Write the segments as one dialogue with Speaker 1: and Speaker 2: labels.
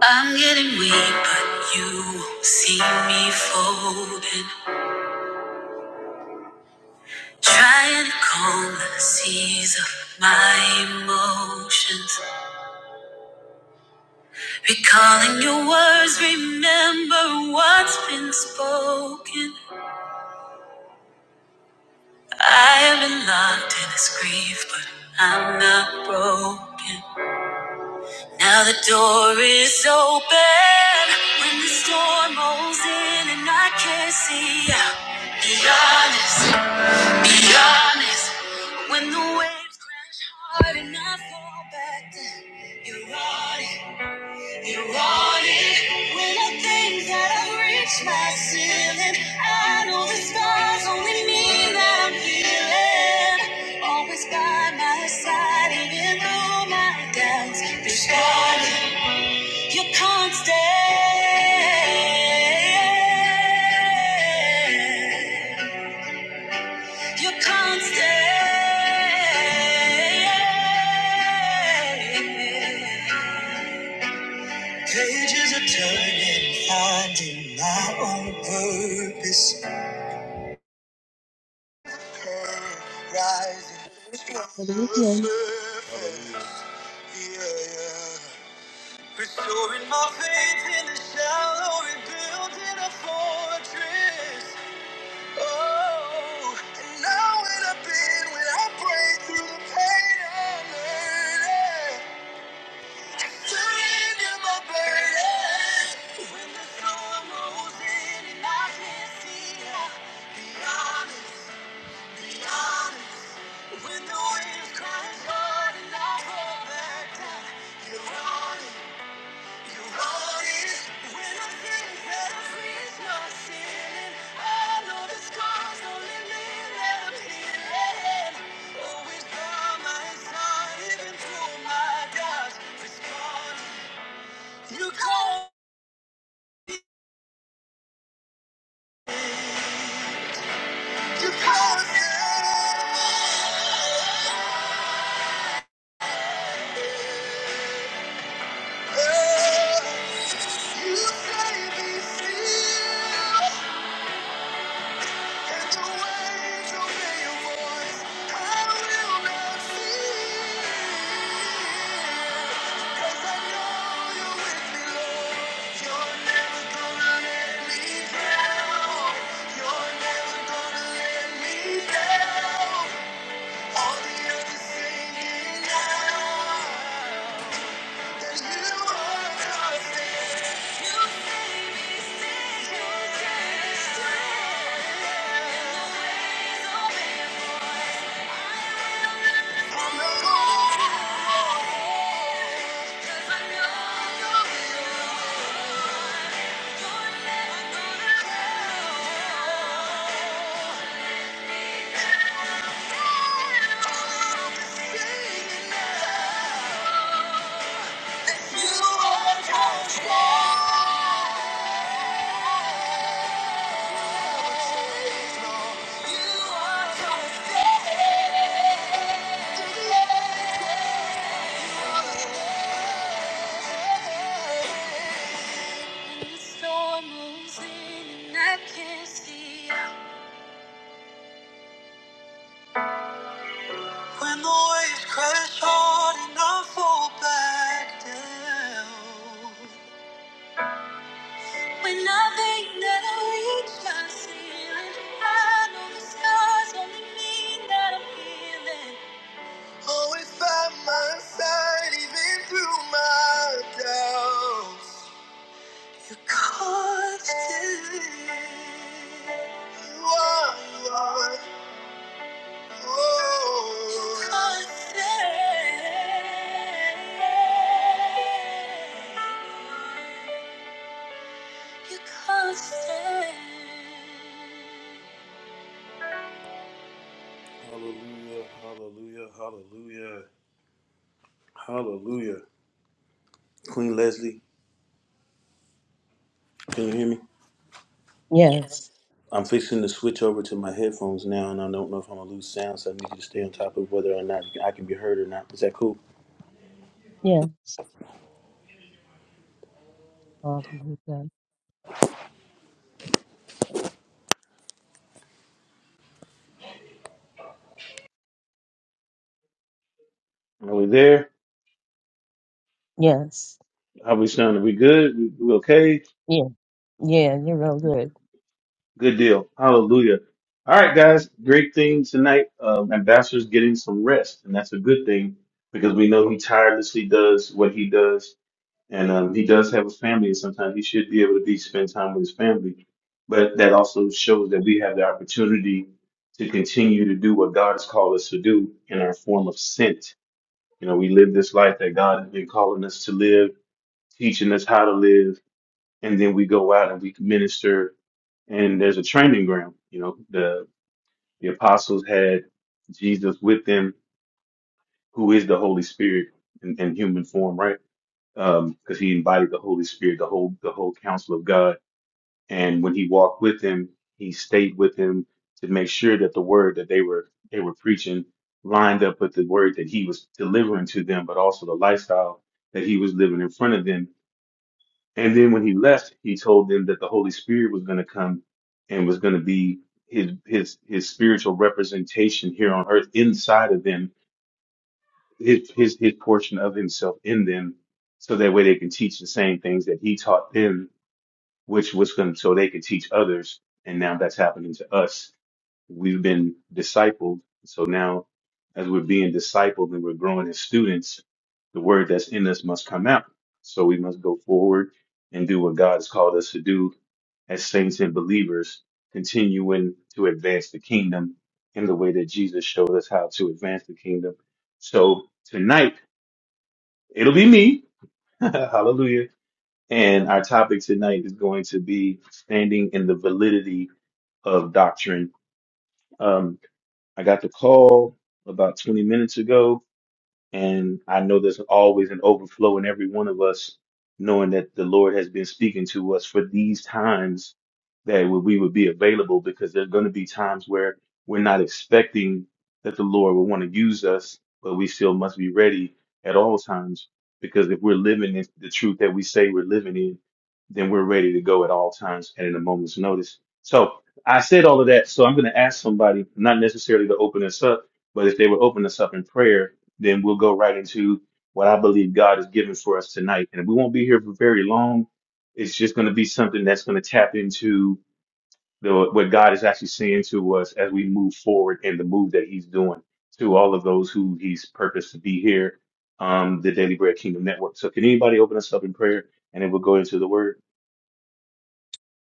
Speaker 1: I'm getting weak, but you won't see me folding. Trying to calm the seas of my emotions. Recalling your words, remember what's been spoken. I have been locked in this grief, but I'm not broken. Now the door is open. When the storm rolls in and I can't see out. Be honest. Be honest, when the waves crash hard and I fall back, then you're on it, you're on it. When I think that I've reached my ceiling, I know the scars only mean that I'm healing. Always by my side, even through my doubts, you're starting, you're constant. You can't stay. Pages are turning, finding my own purpose. Rising to the
Speaker 2: Hallelujah.
Speaker 1: surface. Yeah, yeah. Restoring my faith in the shallow, rebuilding a fortress. Oh, and now when I've been, when I break through the pain I'm hurting, surrender my burden. When the storm rolls in and I can't see, be honest, be honest. When the waves crash hard and I fall back down, you're honest. You call, you call it. You say be still. Yeah. When the storm rolls in and I can't see When the waves crash hard and I fall back down. When I think that I reached my ceiling, I know the scars only mean that I'm healing. Always by my side, even through my doubts. You're constant. You are, you are, oh. You're constant. You're constant. Hallelujah, hallelujah, hallelujah, hallelujah. Queen Leslie, can you hear me?
Speaker 2: Yes.
Speaker 1: I'm fixing to switch over to my headphones now, and I don't know if I'm gonna lose sound, so I need you to stay on top of whether or not I can be heard or not. Is that cool?
Speaker 2: Yes. Hallelujah.
Speaker 1: Are we there?
Speaker 2: Yes.
Speaker 1: Are we sounding? We good? We we okay?
Speaker 2: Yeah. Yeah. You're real good.
Speaker 1: Good deal. Hallelujah. All right, guys. Great thing tonight. Um, Ambassador's getting some rest, and that's a good thing because we know he tirelessly does what he does and um, he does have a family, and sometimes he should be able to be spend time with his family. But that also shows that we have the opportunity to continue to do what God has called us to do in our form of sent. You know, we live this life that God has been calling us to live, teaching us how to live, and then we go out and we minister. And there's a training ground. You know, the the apostles had Jesus with them, who is the Holy Spirit in, in human form, right? um, because he embodied the Holy Spirit, the whole the whole counsel of God. And when he walked with him, he stayed with him to make sure that the word that they were they were preaching lined up with the word that he was delivering to them, but also the lifestyle that he was living in front of them. And then when he left, he told them that the Holy Spirit was going to come and was going to be his his his spiritual representation here on earth inside of them his his his portion of himself in them, so that way they can teach the same things that he taught them, which was going so they could teach others. And now that's happening to us. We've been discipled, so now as we're being discipled and we're growing as students, the word that's in us must come out. So we must go forward and do what God has called us to do as saints and believers, continuing to advance the kingdom in the way that Jesus showed us how to advance the kingdom. So tonight It'll be me. Hallelujah. And our topic tonight is going to be standing in the validity of doctrine. Um, I got the call about 20 minutes ago and I know there's always an overflow in every one of us, knowing that the Lord has been speaking to us for these times that we would be available because there are going to be times where we're not expecting that the Lord will want to use us, but we still must be ready at all times because if we're living in the truth that we say we're living in, then we're ready to go at all times and in a moment's notice. So I said all of that. So I'm going to ask somebody, not necessarily to open us up, but if they would open us up in prayer then we'll go right into what I believe God has given for us tonight. And we won't be here for very long. It's just going to be something that's going to tap into the, what God is actually saying to us as we move forward in the move that He's doing to all of those who He's purposed to be here, um, the Daily Bread Kingdom Network. So, can anybody open us up in prayer and then we'll go into the Word?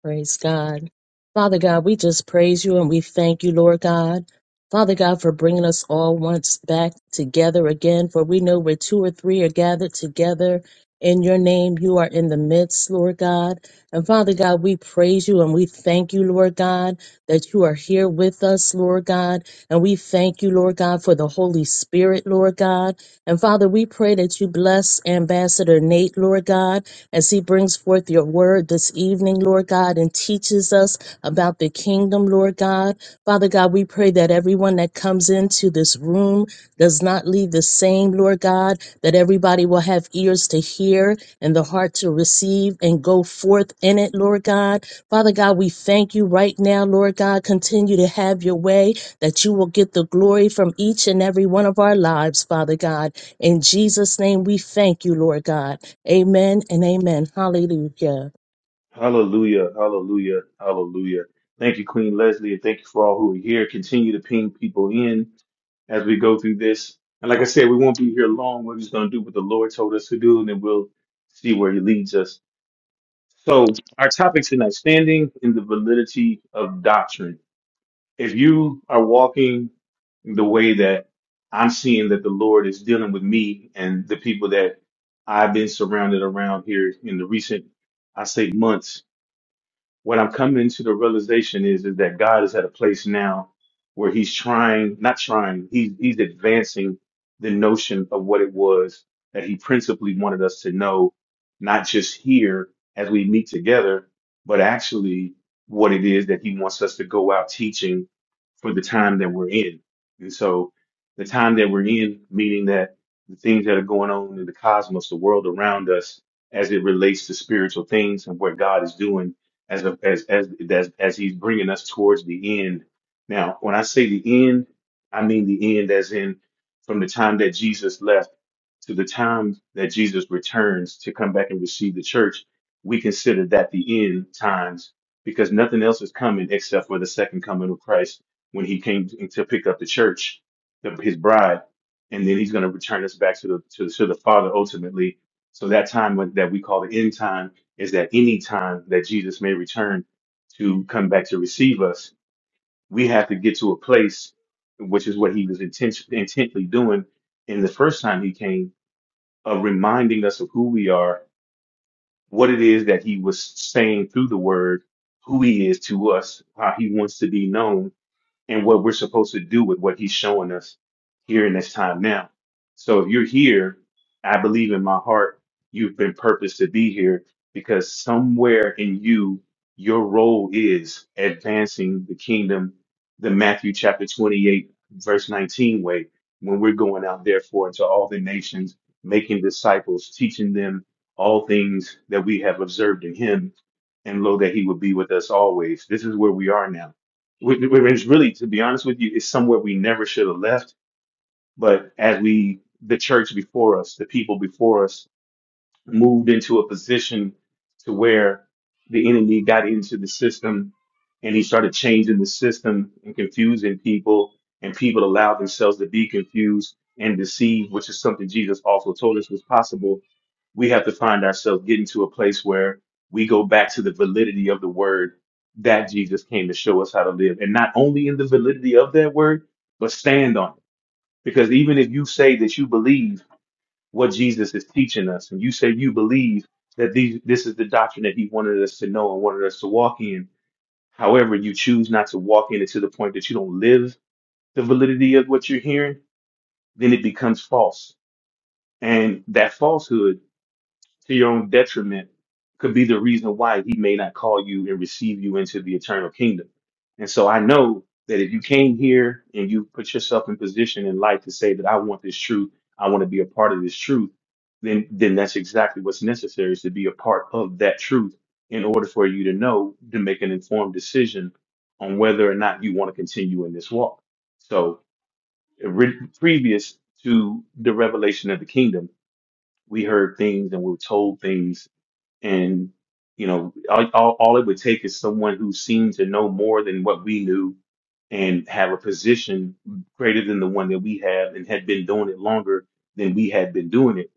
Speaker 2: Praise God. Father God, we just praise you and we thank you, Lord God. Father God, for bringing us all once back together again, for we know where two or three are gathered together in your name, you are in the midst, Lord God. And Father God, we praise you and we thank you, Lord God, that you are here with us, Lord God. And we thank you, Lord God, for the Holy Spirit, Lord God. And Father, we pray that you bless Ambassador Nate, Lord God, as he brings forth your word this evening, Lord God, and teaches us about the kingdom, Lord God. Father God, we pray that everyone that comes into this room, does not leave the same, Lord God, that everybody will have ears to hear and the heart to receive and go forth in it, Lord God. Father God, we thank you right now, Lord God. Continue to have your way, that you will get the glory from each and every one of our lives, Father God. In Jesus' name, we thank you, Lord God. Amen and amen. Hallelujah.
Speaker 1: Hallelujah, hallelujah, hallelujah. Thank you, Queen Leslie, and thank you for all who are here. Continue to ping people in as we go through this. And like I said, we won't be here long. We're just going to do what the Lord told us to do, and then we'll see where He leads us. So, our topic tonight standing in the validity of doctrine. If you are walking the way that I'm seeing that the Lord is dealing with me and the people that I've been surrounded around here in the recent, I say, months, what I'm coming to the realization is is that God is at a place now where he's trying, not trying, he's he's advancing the notion of what it was that he principally wanted us to know, not just here as we meet together, but actually what it is that he wants us to go out teaching for the time that we're in. And so the time that we're in, meaning that the things that are going on in the cosmos, the world around us, as it relates to spiritual things and what God is doing as a, as as as as he's bringing us towards the end. Now, when I say the end, I mean the end as in from the time that Jesus left to the time that Jesus returns to come back and receive the church, we consider that the end times because nothing else is coming except for the second coming of Christ when he came to pick up the church, the, his bride, and then he's going to return us back to the to, to the Father ultimately. So that time when- that we call the end time is that any time that Jesus may return to come back to receive us, we have to get to a place, which is what he was intent- intently doing in the first time he came, of reminding us of who we are, what it is that he was saying through the word, who he is to us, how he wants to be known and what we're supposed to do with what he's showing us here in this time now. So if you're here, I believe in my heart you've been purposed to be here because somewhere in you, your role is advancing the kingdom, the Matthew chapter 28, verse 19 way, when we're going out therefore into all the nations, making disciples, teaching them all things that we have observed in him, and lo that he would be with us always. This is where we are now which which really, to be honest with you, it's somewhere we never should have left. But as we, the church before us, the people before us, moved into a position to where the enemy got into the system and he started changing the system and confusing people and people allowed themselves to be confused and deceived which is something jesus also told us was possible we have to find ourselves getting to a place where we go back to the validity of the word that jesus came to show us how to live and not only in the validity of that word but stand on it because even if you say that you believe what Jesus is teaching us. And you say you believe that these, this is the doctrine that he wanted us to know and wanted us to walk in. However, you choose not to walk in it to the point that you don't live the validity of what you're hearing, then it becomes false. And that falsehood to your own detriment could be the reason why he may not call you and receive you into the eternal kingdom. And so I know that if you came here and you put yourself in position in life to say that I want this truth, I want to be a part of this truth, then then that's exactly what's necessary is to be a part of that truth in order for you to know to make an informed decision on whether or not you want to continue in this walk. So re- previous to the revelation of the kingdom, we heard things and we were told things and, you know, all, all, all it would take is someone who seemed to know more than what we knew and have a position greater than the one that we have and had been doing it longer than we had been doing it.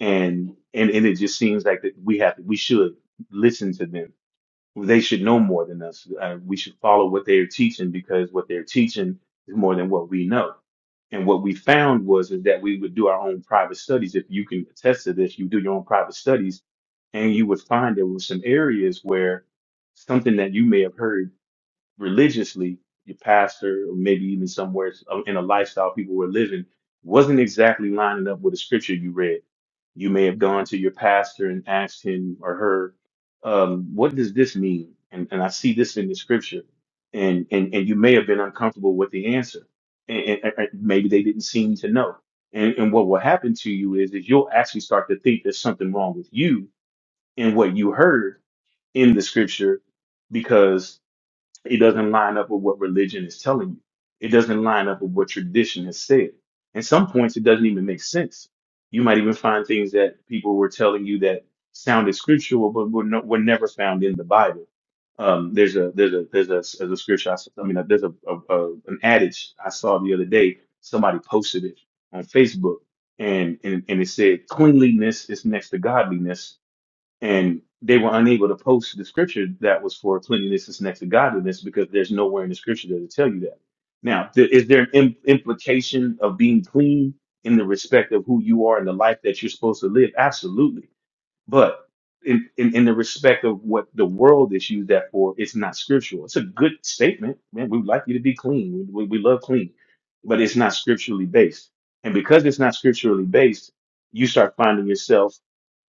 Speaker 1: And, and, and it just seems like that we have, we should listen to them they should know more than us. Uh, we should follow what they are teaching because what they're teaching is more than what we know. And what we found was is that we would do our own private studies. If you can attest to this, you do your own private studies, and you would find there were some areas where something that you may have heard religiously, your pastor, or maybe even somewhere uh, in a lifestyle people were living, wasn't exactly lining up with the scripture you read. You may have gone to your pastor and asked him or her, um, "What does this mean?" And, and I see this in the scripture, and and and you may have been uncomfortable with the answer, and, and, and maybe they didn't seem to know. And and what will happen to you is is you'll actually start to think there's something wrong with you in what you heard in the scripture because. It doesn't line up with what religion is telling you. It doesn't line up with what tradition has said. At some points, it doesn't even make sense. You might even find things that people were telling you that sounded scriptural, but were, no, were never found in the Bible. Um, there's a there's a there's a, there's a scripture. I, s- I mean, there's a, a, a an adage I saw the other day. Somebody posted it on Facebook, and and, and it said, "Cleanliness is next to godliness." and they were unable to post the scripture that was for cleanliness is next to godliness because there's nowhere in the scripture that to tell you that. Now, th- is there an im- implication of being clean in the respect of who you are and the life that you're supposed to live? Absolutely. But in, in, in the respect of what the world is used that for, it's not scriptural. It's a good statement. Man, we would like you to be clean. We, we we love clean, but it's not scripturally based. And because it's not scripturally based, you start finding yourself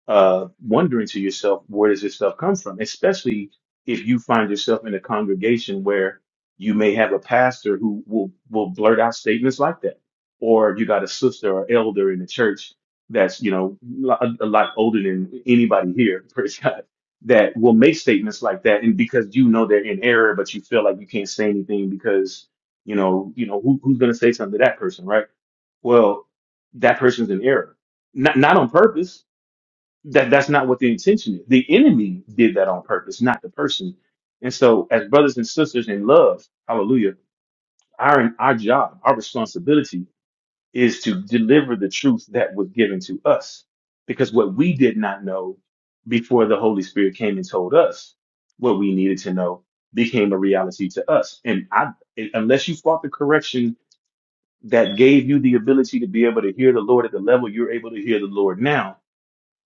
Speaker 1: uh, wondering to yourself, where does this stuff come from? Especially if you find yourself in a congregation where you may have a pastor who will, will blurt out statements like that. Or you got a sister or elder in the church that's, you know, a, a lot older than anybody here, praise God, that will make statements like that. And because you know they're in error, but you feel like you can't say anything because, you know, you know, who, who's going to say something to that person, right? Well, that person's in error not not on purpose that that's not what the intention is. The enemy did that on purpose, not the person. And so, as brothers and sisters in love, hallelujah, our our job, our responsibility is to deliver the truth that was given to us, because what we did not know before the Holy Spirit came and told us what we needed to know became a reality to us. And I, unless you fought the correction that gave you the ability to be able to hear the Lord at the level you're able to hear the Lord now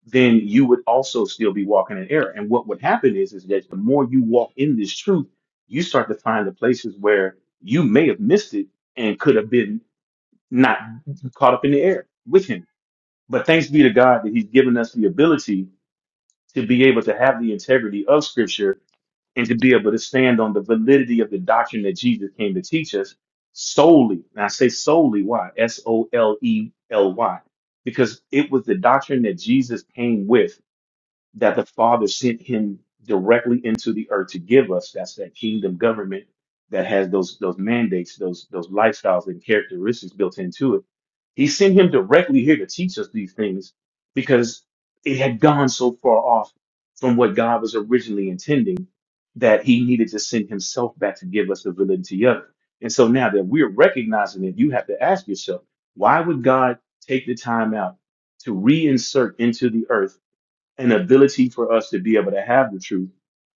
Speaker 1: then you would also still be walking in error. And what would happen is, is that the more you walk in this truth, you start to find the places where you may have missed it and could have been not caught up in the air with him. But thanks be to God that he's given us the ability to be able to have the integrity of scripture and to be able to stand on the validity of the doctrine that Jesus came to teach us solely. And I say solely, why? S O L E L Y. Because it was the doctrine that Jesus came with that the Father sent him directly into the earth to give us. That's that kingdom government that has those those mandates, those those lifestyles and characteristics built into it. He sent him directly here to teach us these things because it had gone so far off from what God was originally intending that he needed to send himself back to give us the validity of it. And so now that we're recognizing it, you have to ask yourself, why would God take the time out to reinsert into the earth? an ability for us to be able to have the truth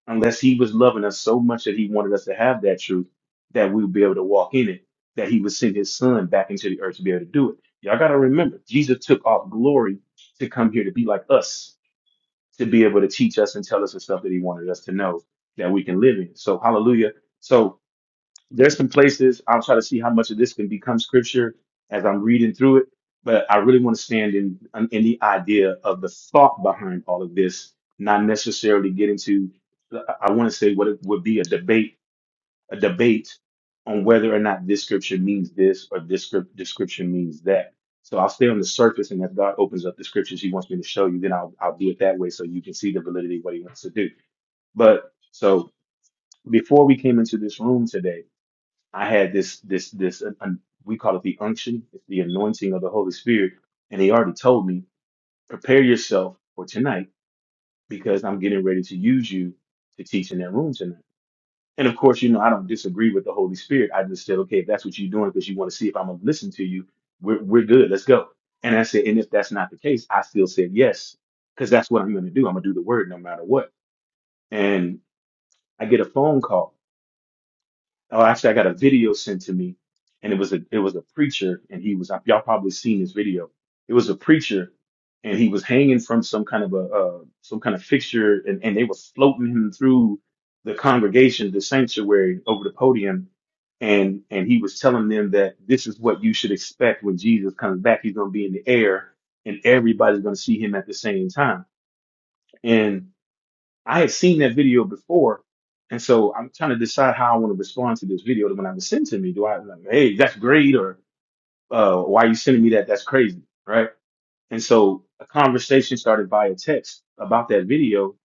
Speaker 1: unless he was loving us so much that he wanted us to have that truth that we would be able to walk in it, that he would send his son back into the earth to be able to do it. Y'all got to remember, Jesus took off glory to come here to be like us, to be able to teach us and tell us the stuff that he wanted us to know that we can live in. So, hallelujah. So, there's some places I'll try to see how much of this can become scripture as I'm reading through it. But I really want to stand in um, in the idea of the thought behind all of this, not necessarily get into. I want to say what it would be a debate, a debate on whether or not this scripture means this or this script description means that. So I'll stay on the surface, and if God opens up the scriptures He wants me to show you, then I'll I'll do it that way, so you can see the validity of what He wants to do. But so before we came into this room today. I had this this this uh, un, we call it the unction, it's the anointing of the Holy Spirit, and he already told me, prepare yourself for tonight because I'm getting ready to use you to teach in that room tonight. And of course, you know I don't disagree with the Holy Spirit. I just said, okay, if that's what you're doing because you want to see if I'm gonna listen to you, we're we're good. Let's go. And I said, and if that's not the case, I still said yes because that's what I'm gonna do. I'm gonna do the word no matter what. And I get a phone call oh, actually, I got a video sent to me, and it was a it was a preacher, and he was y'all probably seen this video. It was a preacher, and he was hanging from some kind of a uh, some kind of fixture, and and they were floating him through the congregation, the sanctuary, over the podium, and and he was telling them that this is what you should expect when Jesus comes back. He's going to be in the air, and everybody's going to see him at the same time, I had seen that video before, and so I'm trying to decide how I want to respond to this video when I was sent to me. Do I like, hey, that's great, or uh, why are you sending me that? That's crazy, right? And so a conversation started via text about that video,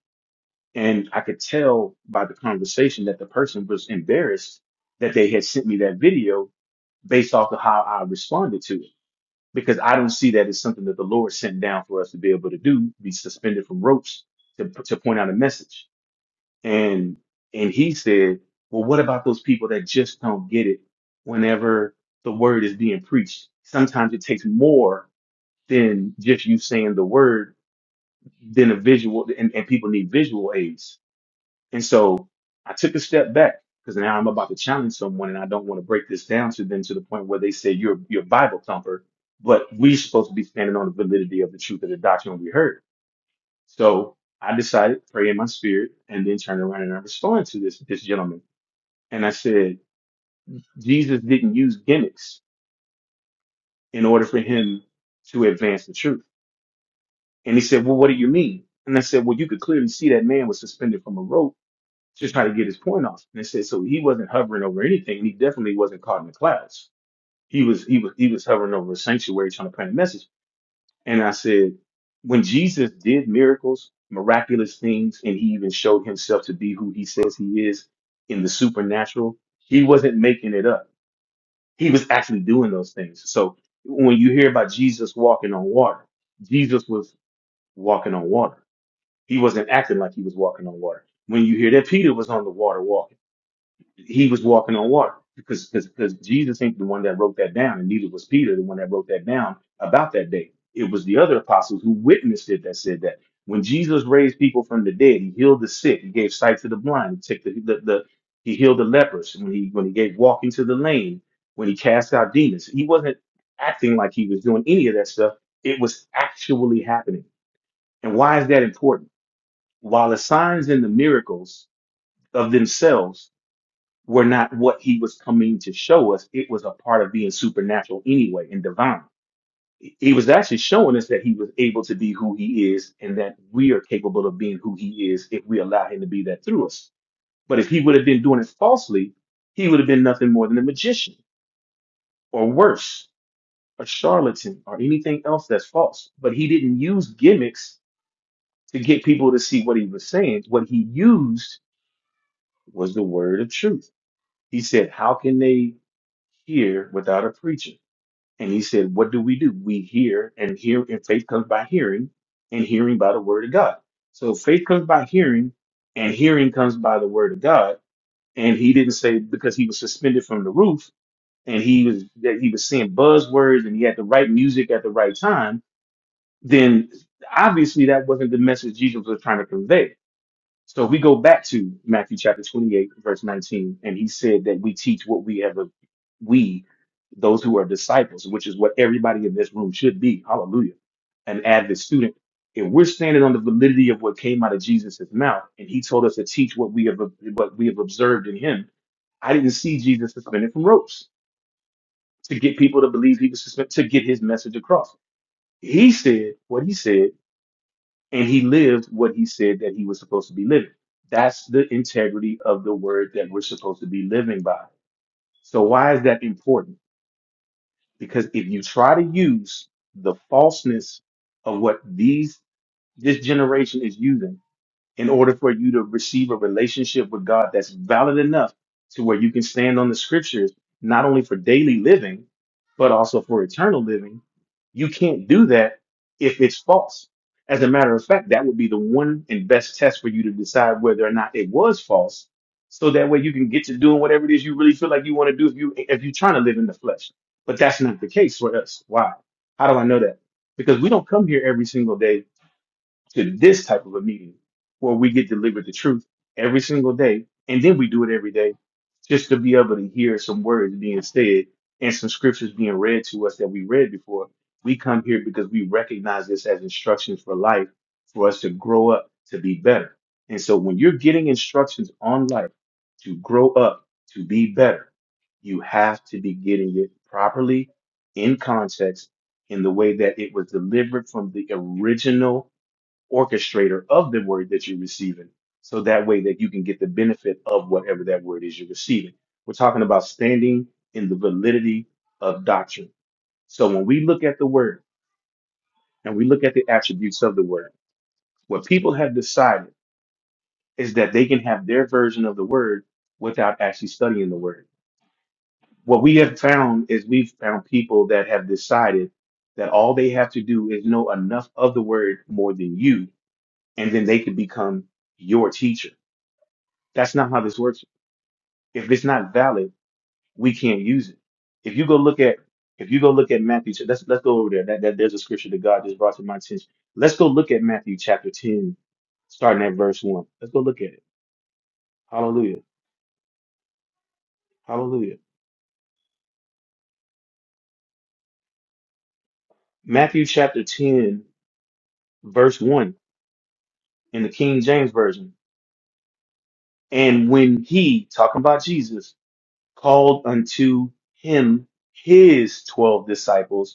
Speaker 1: and I could tell by the conversation that the person was embarrassed that they had sent me that video based off of how I responded to it. Because I don't see that as something that the Lord sent down for us to be able to do, be suspended from ropes to, to point out a message. And and he said, Well, what about those people that just don't get it whenever the word is being preached? Sometimes it takes more than just you saying the word than a visual and, and people need visual aids. And so I took a step back because now I'm about to challenge someone and I don't want to break this down to them to the point where they say you're you're a Bible thumper, but we're supposed to be standing on the validity of the truth of the doctrine we heard. So I decided, to pray in my spirit, and then turn around and I respond to this this gentleman. And I said, Jesus didn't use gimmicks in order for him to advance the truth. And he said, Well, what do you mean? And I said, Well, you could clearly see that man was suspended from a rope to try to get his point off. And I said, So he wasn't hovering over anything, and he definitely wasn't caught in the clouds. He was he was he was hovering over a sanctuary trying to plant a message. And I said, when Jesus did miracles, miraculous things, and he even showed himself to be who he says he is in the supernatural, he wasn't making it up. he was actually doing those things. So when you hear about Jesus walking on water, Jesus was walking on water. He wasn't acting like he was walking on water. When you hear that Peter was on the water walking he was walking on water because because because Jesus ain't the one that wrote that down, and neither was Peter the one that wrote that down about that day. It was the other apostles who witnessed it that said that when Jesus raised people from the dead, he healed the sick, he gave sight to the blind, he took the, the, the he healed the lepers when he when he gave walking to the lame, when he cast out demons. He wasn't acting like he was doing any of that stuff. It was actually happening. And why is that important? While the signs and the miracles of themselves were not what he was coming to show us. It was a part of being supernatural anyway and divine. He was actually showing us that he was able to be who he is and that we are capable of being who he is if we allow him to be that through us. But if he would have been doing it falsely, he would have been nothing more than a magician or worse, a charlatan or anything else that's false. But he didn't use gimmicks to get people to see what he was saying. What he used was the word of truth. He said, How can they hear without a preacher? And he said, What do we do? We hear, and hear, and faith comes by hearing, and hearing by the word of God. So faith comes by hearing, and hearing comes by the word of God. And he didn't say because he was suspended from the roof and he was that he was saying buzzwords and he had the right music at the right time, then obviously that wasn't the message Jesus was trying to convey so if we go back to Matthew chapter 28, verse 19, and he said that we teach what we have, we, those who are disciples, which is what everybody in this room should be. Hallelujah. An avid student. If we're standing on the validity of what came out of Jesus' mouth, and he told us to teach what we have, what we have observed in him, I didn't see Jesus suspended from ropes to get people to believe he was suspended, to get his message across. He said what he said and he lived what he said that he was supposed to be living. That's the integrity of the word that we're supposed to be living by. So, why is that important? Because if you try to use the falseness of what these this generation is using in order for you to receive a relationship with God that's valid enough to where you can stand on the scriptures, not only for daily living, but also for eternal living. You can't do that if it's false. As a matter of fact, that would be the one and best test for you to decide whether or not it was false. So that way you can get to doing whatever it is you really feel like you want to do if you if you're trying to live in the flesh. But that's not the case for us. Why? How do I know that? Because we don't come here every single day to this type of a meeting where we get delivered the truth every single day. And then we do it every day just to be able to hear some words being said and some scriptures being read to us that we read before. We come here because we recognize this as instructions for life for us to grow up to be better. And so when you're getting instructions on life to grow up to be better, you have to be getting it properly in context in the way that it was delivered from the original orchestrator of the word that you're receiving. So that way that you can get the benefit of whatever that word is you're receiving. We're talking about standing in the validity of doctrine. So when we look at the word and we look at the attributes of the word, what people have decided is that they can have their version of the word without actually studying the word. What we have found is we've found people that have decided that all they have to do is know enough of the word more than you, and then they can become your teacher That's not how this works. If it's not valid, we can't use it. If you go look at if you go look at Matthew, ch- let's let's go over there. That, that there's a scripture that God just brought to my attention. Let's go look at Matthew chapter 10, starting at verse 1. Let's go look at it. Hallelujah. Hallelujah. Matthew chapter 10, verse 1 in the King James Version. And when he, talking about Jesus, called unto him his 12 disciples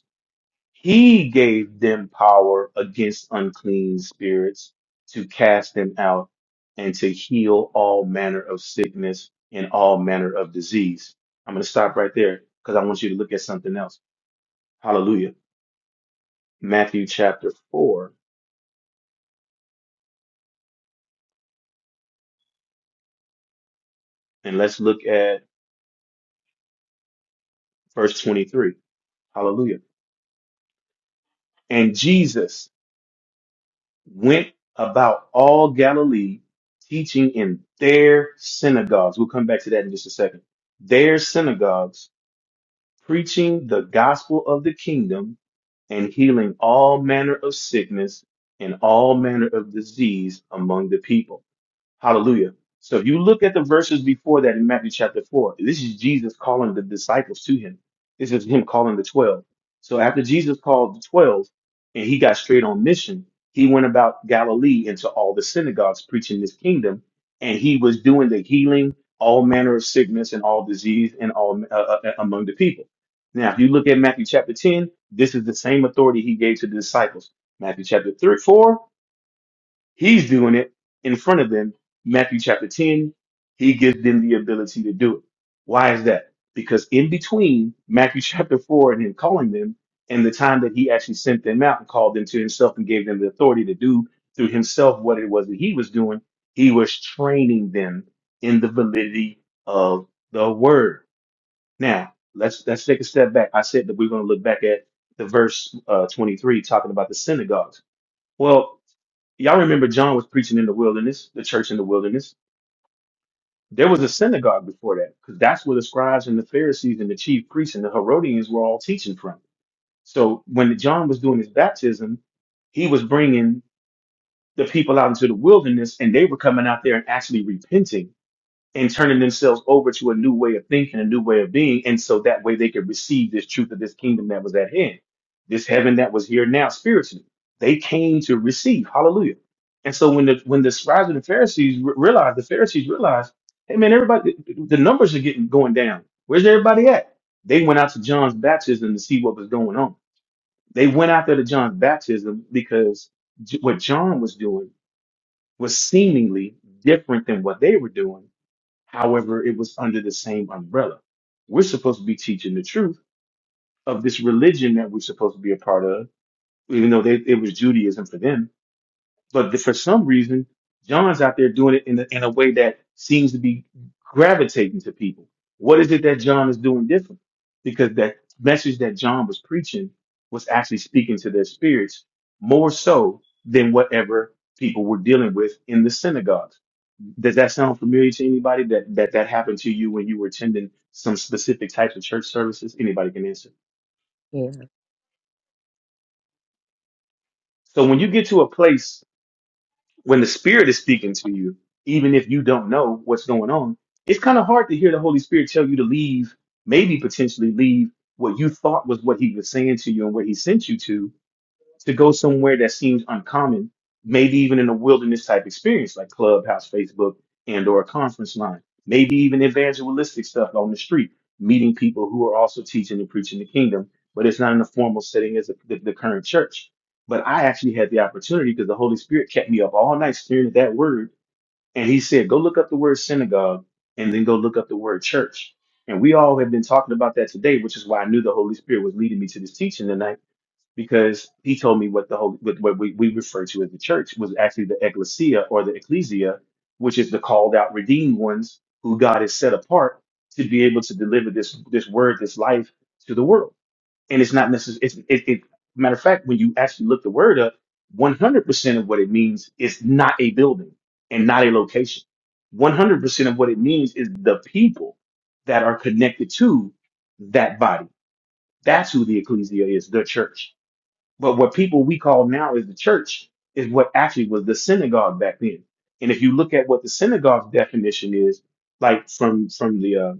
Speaker 1: He gave them power against unclean spirits to cast them out and to heal all manner of sickness and all manner of disease. I'm going to stop right there because I want you to look at something else. Hallelujah. Matthew chapter 4, and let's look at verse 23. Hallelujah. And Jesus went about all Galilee, teaching in their synagogues. We'll come back to that in just a second. Their synagogues preaching the gospel of the kingdom and healing all manner of sickness and all manner of disease among the people. Hallelujah. So if you look at the verses before that in Matthew chapter 4, this is Jesus calling the disciples to him. This is him calling the 12. So after Jesus called the 12 and he got straight on mission, he went about Galilee into all the synagogues preaching this kingdom and he was doing the healing, all manner of sickness and all disease and all uh, uh, uh, among the people. Now, if you look at Matthew chapter 10, this is the same authority he gave to the disciples. Matthew chapter 3, 4, He's doing it in front of them. Matthew chapter 10, he gives them the ability to do it. Why is that? Because in between Matthew chapter 4 and him calling them and the time that he actually sent them out and called them to himself and gave them the authority to do through himself what it was that he was doing, he was training them in the validity of the word. Now, let's let's take a step back. I said that we're going to look back at the verse uh, 23 talking about the synagogues. Well, Y'all remember John was preaching in the wilderness, the church in the wilderness. There was a synagogue before that, because that's where the scribes and the Pharisees and the chief priests and the Herodians were all teaching from. So when John was doing his baptism, he was bringing the people out into the wilderness, and they were coming out there and actually repenting and turning themselves over to a new way of thinking, a new way of being. And so that way they could receive this truth of this kingdom that was at hand, this heaven that was here now spiritually. They came to receive. Hallelujah. And so when the when the scribes and the Pharisees re- realized, the Pharisees realized, hey man, everybody, the numbers are getting going down. Where's everybody at? They went out to John's baptism to see what was going on. They went out there to John's baptism because J- what John was doing was seemingly different than what they were doing However, it was under the same umbrella. We're supposed to be teaching the truth of this religion that we're supposed to be a part of, even though they, it was Judaism for them but the, for some reason, John's out there doing it in a, in a way that seems to be gravitating to people. What is it that John is doing different? Because that message that John was preaching was actually speaking to their spirits more so than whatever people were dealing with in the synagogues. Does that sound familiar to anybody that, that that happened to you when you were attending some specific types of church services? Anybody can answer.
Speaker 2: Yeah,
Speaker 1: So when you get to a place when the Spirit is speaking to you, even if you don't know what's going on, it's kind of hard to hear the Holy Spirit tell you to leave, maybe potentially leave what you thought was what He was saying to you and where He sent you to, to go somewhere that seems uncommon, maybe even in a wilderness type experience like Clubhouse, Facebook, and or a conference line, maybe even evangelistic stuff on the street, meeting people who are also teaching and preaching the kingdom, but it's not in a formal setting as the, the, the current church. But I actually had the opportunity because the Holy Spirit kept me up all night staring at that word. And he said, go look up the word synagogue and then go look up the word church. And we all have been talking about that today, which is why I knew the Holy Spirit was leading me to this teaching tonight because he told me what the whole what, what we, we refer to as the church was actually the ecclesia or the ecclesia, which is the called out redeemed ones who God has set apart to be able to deliver this this word, this life to the world. And it's not necessarily it's it, it matter of fact, when you actually look the word up, 100 percent of what it means is not a building and not a location. 100 percent of what it means is the people that are connected to that body. That's who the ecclesia is, the church but what people we call now is the church is what actually was the synagogue back then. And if you look at what the synagogue's definition is, like from from the uh,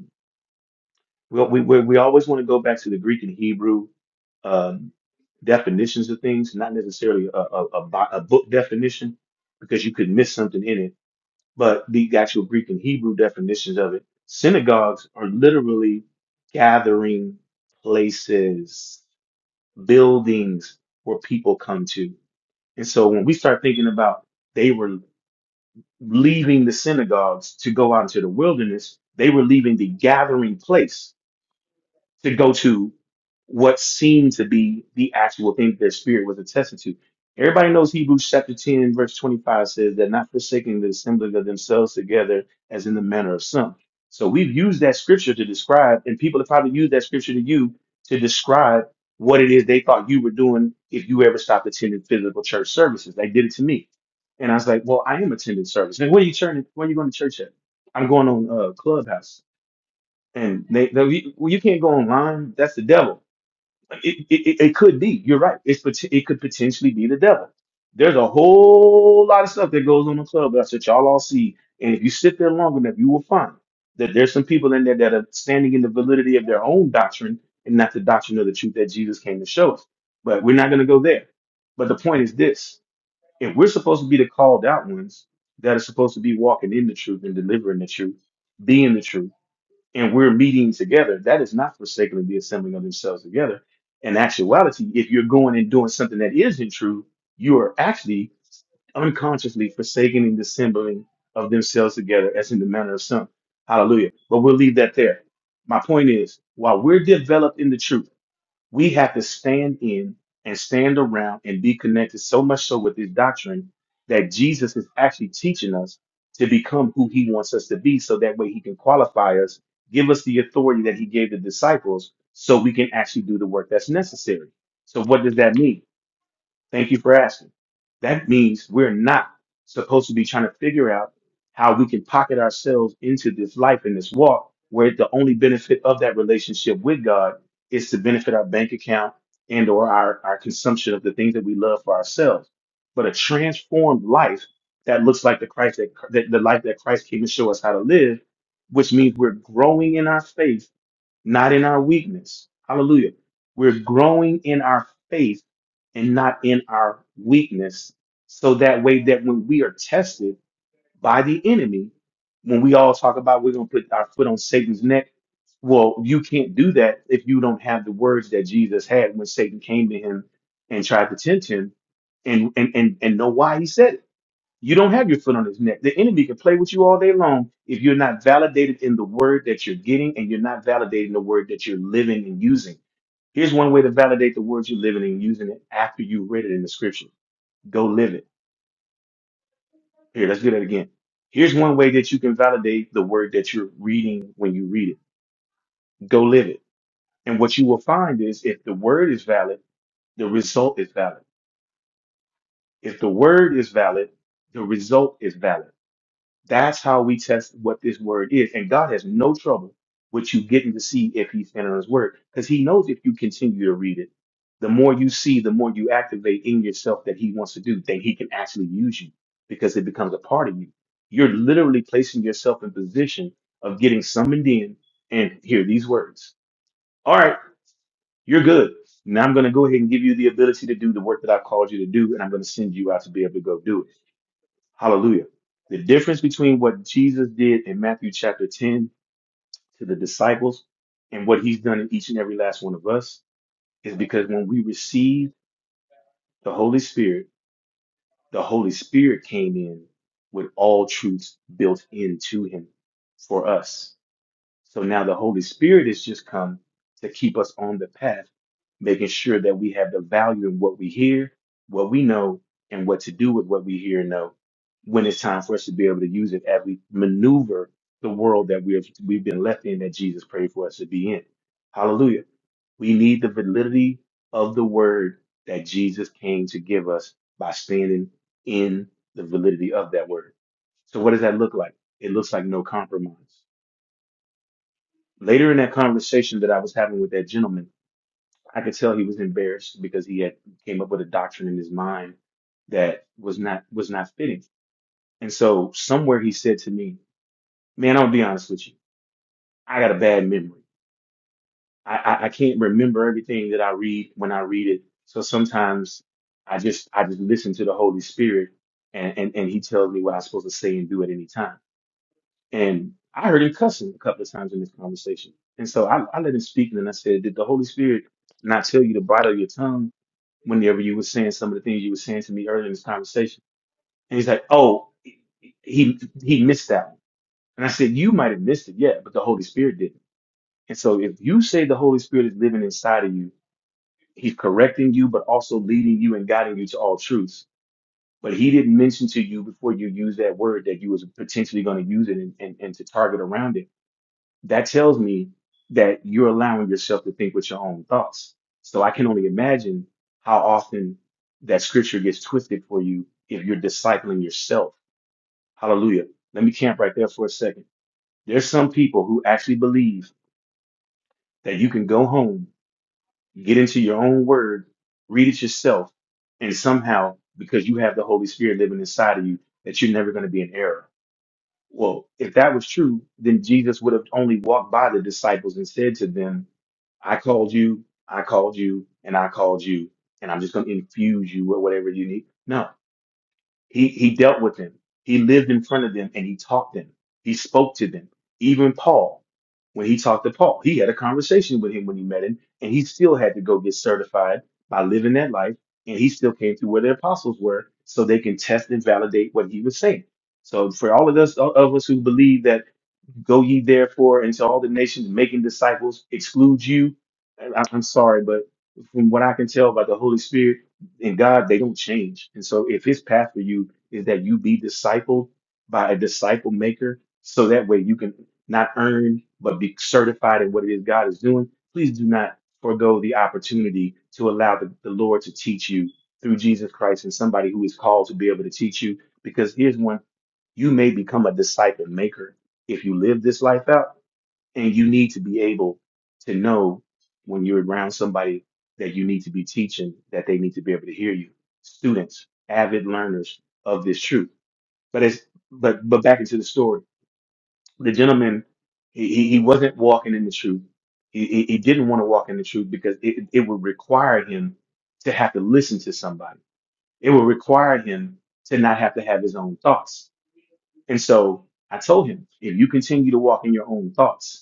Speaker 1: we we we we always want to go back to the Greek and Hebrew um, definitions of things, not necessarily a, a, a, bo- a book definition, because you could miss something in it. But the actual Greek and Hebrew definitions of it, synagogues are literally gathering places, buildings where people come to. And so when we start thinking about they were leaving the synagogues to go out into the wilderness, they were leaving the gathering place to go to what seemed to be the actual thing that their spirit was attesting to. Everybody knows Hebrews chapter 10, verse 25 says that not forsaking the assembling of themselves together as in the manner of some. So we've used that scripture to describe, and people have probably used that scripture to you to describe what it is they thought you were doing if you ever stopped attending physical church services. They did it to me. And I was like, well, I am attending service. And where you turning, where you going to church at? I'm going on uh, Clubhouse and they, they you, well, you can't go online. That's the devil. Like, It, it, it it could be. You're right. It's pot- it could potentially be the devil. There's a whole lot of stuff that goes on in clubhouse that y'all all see, and if you sit there long enough, you will find that there's some people in there that are standing in the validity of their own doctrine and not the doctrine of the truth that Jesus came to show us. But we're not going to go there. But the point is this: if we're supposed to be the called out ones that are supposed to be walking in the truth and delivering the truth, being the truth and we're meeting together, that is not forsaking the assembling of themselves together. In actuality, if you're going and doing something that isn't true, you are actually unconsciously forsaking and dissembling of themselves together, as in the manner of some. Hallelujah. But we'll leave that there. My point is, while we're developed in the truth we have to stand in and stand around and be connected so much so with this doctrine that Jesus is actually teaching us to become who he wants us to be so that way he can qualify us, give us the authority that he gave the disciples so we can actually do the work that's necessary. So what does that mean? Thank you for asking. That means we're not supposed to be trying to figure out how we can pocket ourselves into this life and this walk, where the only benefit of that relationship with God is to benefit our bank account and or our, our consumption of the things that we love for ourselves. But a transformed life that looks like the Christ that, that the life that Christ came to show us how to live, which means we're growing in our faith not in our weakness. Hallelujah. We're growing in our faith and not in our weakness. So that way that when we are tested by the enemy, when we all talk about we're going to put our foot on Satan's neck, well, you can't do that if you don't have the words that Jesus had when Satan came to him and tried to tempt him and and and, and know why he said it. You don't have your foot on his neck. The enemy can play with you all day long if you're not validated in the word that you're getting and you're not validating the word that you're living and using. Here's one way to validate the words you're living and using it after you read it in the scripture. Go live it. Here, let's do that again. Here's one way that you can validate the word that you're reading when you read it. Go live it. And what you will find is if the word is valid, the result is valid. If the word is valid, the result is valid. That's how we test what this word is. And God has no trouble with you getting to see if he's in on his word because he knows if you continue to read it, the more you see, the more you activate in yourself that he wants to do, then he can actually use you because it becomes a part of you. You're literally placing yourself in position of getting summoned in and hear these words. All right, you're good. Now I'm going to go ahead and give you the ability to do the work that I've called you to do, and I'm going to send you out to be able to go do it. Hallelujah. The difference between what Jesus did in Matthew chapter 10 to the disciples and what he's done in each and every last one of us is because when we received the Holy Spirit, the Holy Spirit came in with all truths built into him for us. So now the Holy Spirit has just come to keep us on the path, making sure that we have the value in what we hear, what we know, and what to do with what we hear and know when it's time for us to be able to use it as we maneuver the world that we've we've been left in that Jesus prayed for us to be in. Hallelujah. We need the validity of the word that Jesus came to give us by standing in the validity of that word. So what does that look like? It looks like no compromise. Later in that conversation that I was having with that gentleman, I could tell he was embarrassed because he had came up with a doctrine in his mind that was not was not fitting. And so somewhere he said to me, "Man, I'll be honest with you. I got a bad memory. I, I I can't remember everything that I read when I read it. So sometimes I just I just listen to the Holy Spirit, and and and He tells me what I'm supposed to say and do at any time." And I heard him cussing a couple of times in this conversation. And so I, I let him speak and then I said, Did the Holy Spirit not tell you to bridle your tongue whenever you were saying some of the things you were saying to me earlier in this conversation? And he's like, Oh, he he missed that one. And I said, You might have missed it, yeah, but the Holy Spirit didn't. And so if you say the Holy Spirit is living inside of you, he's correcting you, but also leading you and guiding you to all truths. But he didn't mention to you before you used that word that you was potentially going to use it and, and, and to target around it that tells me that you're allowing yourself to think with your own thoughts. So I can only imagine how often that scripture gets twisted for you if you're discipling yourself. Hallelujah. Let me camp right there for a second. There's some people who actually believe that you can go home, get into your own word, read it yourself, and somehow, because you have the Holy Spirit living inside of you, that you're never going to be in error. Well, if that was true, then Jesus would have only walked by the disciples and said to them, I called you, I called you, and I called you, and I'm just going to infuse you with whatever you need. No, he he dealt with them. He lived in front of them and he taught them. He spoke to them. Even Paul, when he talked to Paul, he had a conversation with him when he met him, and he still had to go get certified by living that life, and he still came through where the apostles were, so they can test and validate what he was saying. So for all of us all of us who believe that Go ye therefore into all the nations, making disciples, exclude you. I, I'm sorry, but from what I can tell by the Holy Spirit and God, they don't change. And so if his path for you is that you be discipled by a disciple maker, so that way you can not earn, but be certified in what it is God is doing, please do not forego the opportunity to allow the, the Lord to teach you through Jesus Christ and somebody who is called to be able to teach you. Because here's one you may become a disciple maker if you live this life out and you need to be able to know when you're around somebody that you need to be teaching that they need to be able to hear you students avid learners of this truth but as but but back into the story the gentleman he he he wasn't walking in the truth he he, he didn't want to walk in the truth because it, it would require him to have to listen to somebody it would require him to not have to have his own thoughts and so i told him if you continue to walk in your own thoughts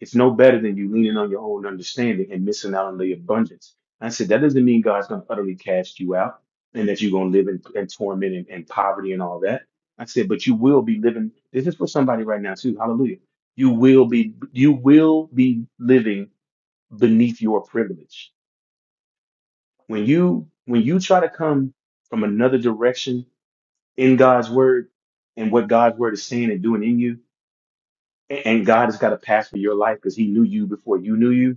Speaker 1: it's no better than you leaning on your own understanding and missing out on the abundance. I said, that doesn't mean God's going to utterly cast you out and that you're going to live in, in torment and, and poverty and all that. I said, but you will be living. This is for somebody right now too. Hallelujah. You will be, you will be living beneath your privilege. When you, when you try to come from another direction in God's word and what God's word is saying and doing in you, and and God has got a pass for your life because He knew you before you knew you.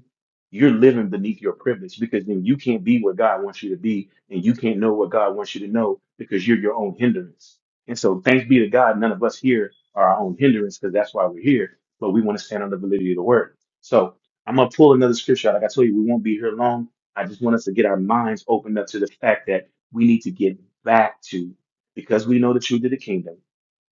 Speaker 1: You're living beneath your privilege because then you can't be what God wants you to be, and you can't know what God wants you to know because you're your own hindrance. And so, thanks be to God, none of us here are our own hindrance because that's why we're here. But we want to stand on the validity of the Word. So I'm gonna pull another scripture out. Like I told you, we won't be here long. I just want us to get our minds opened up to the fact that we need to get back to because we know the truth of the kingdom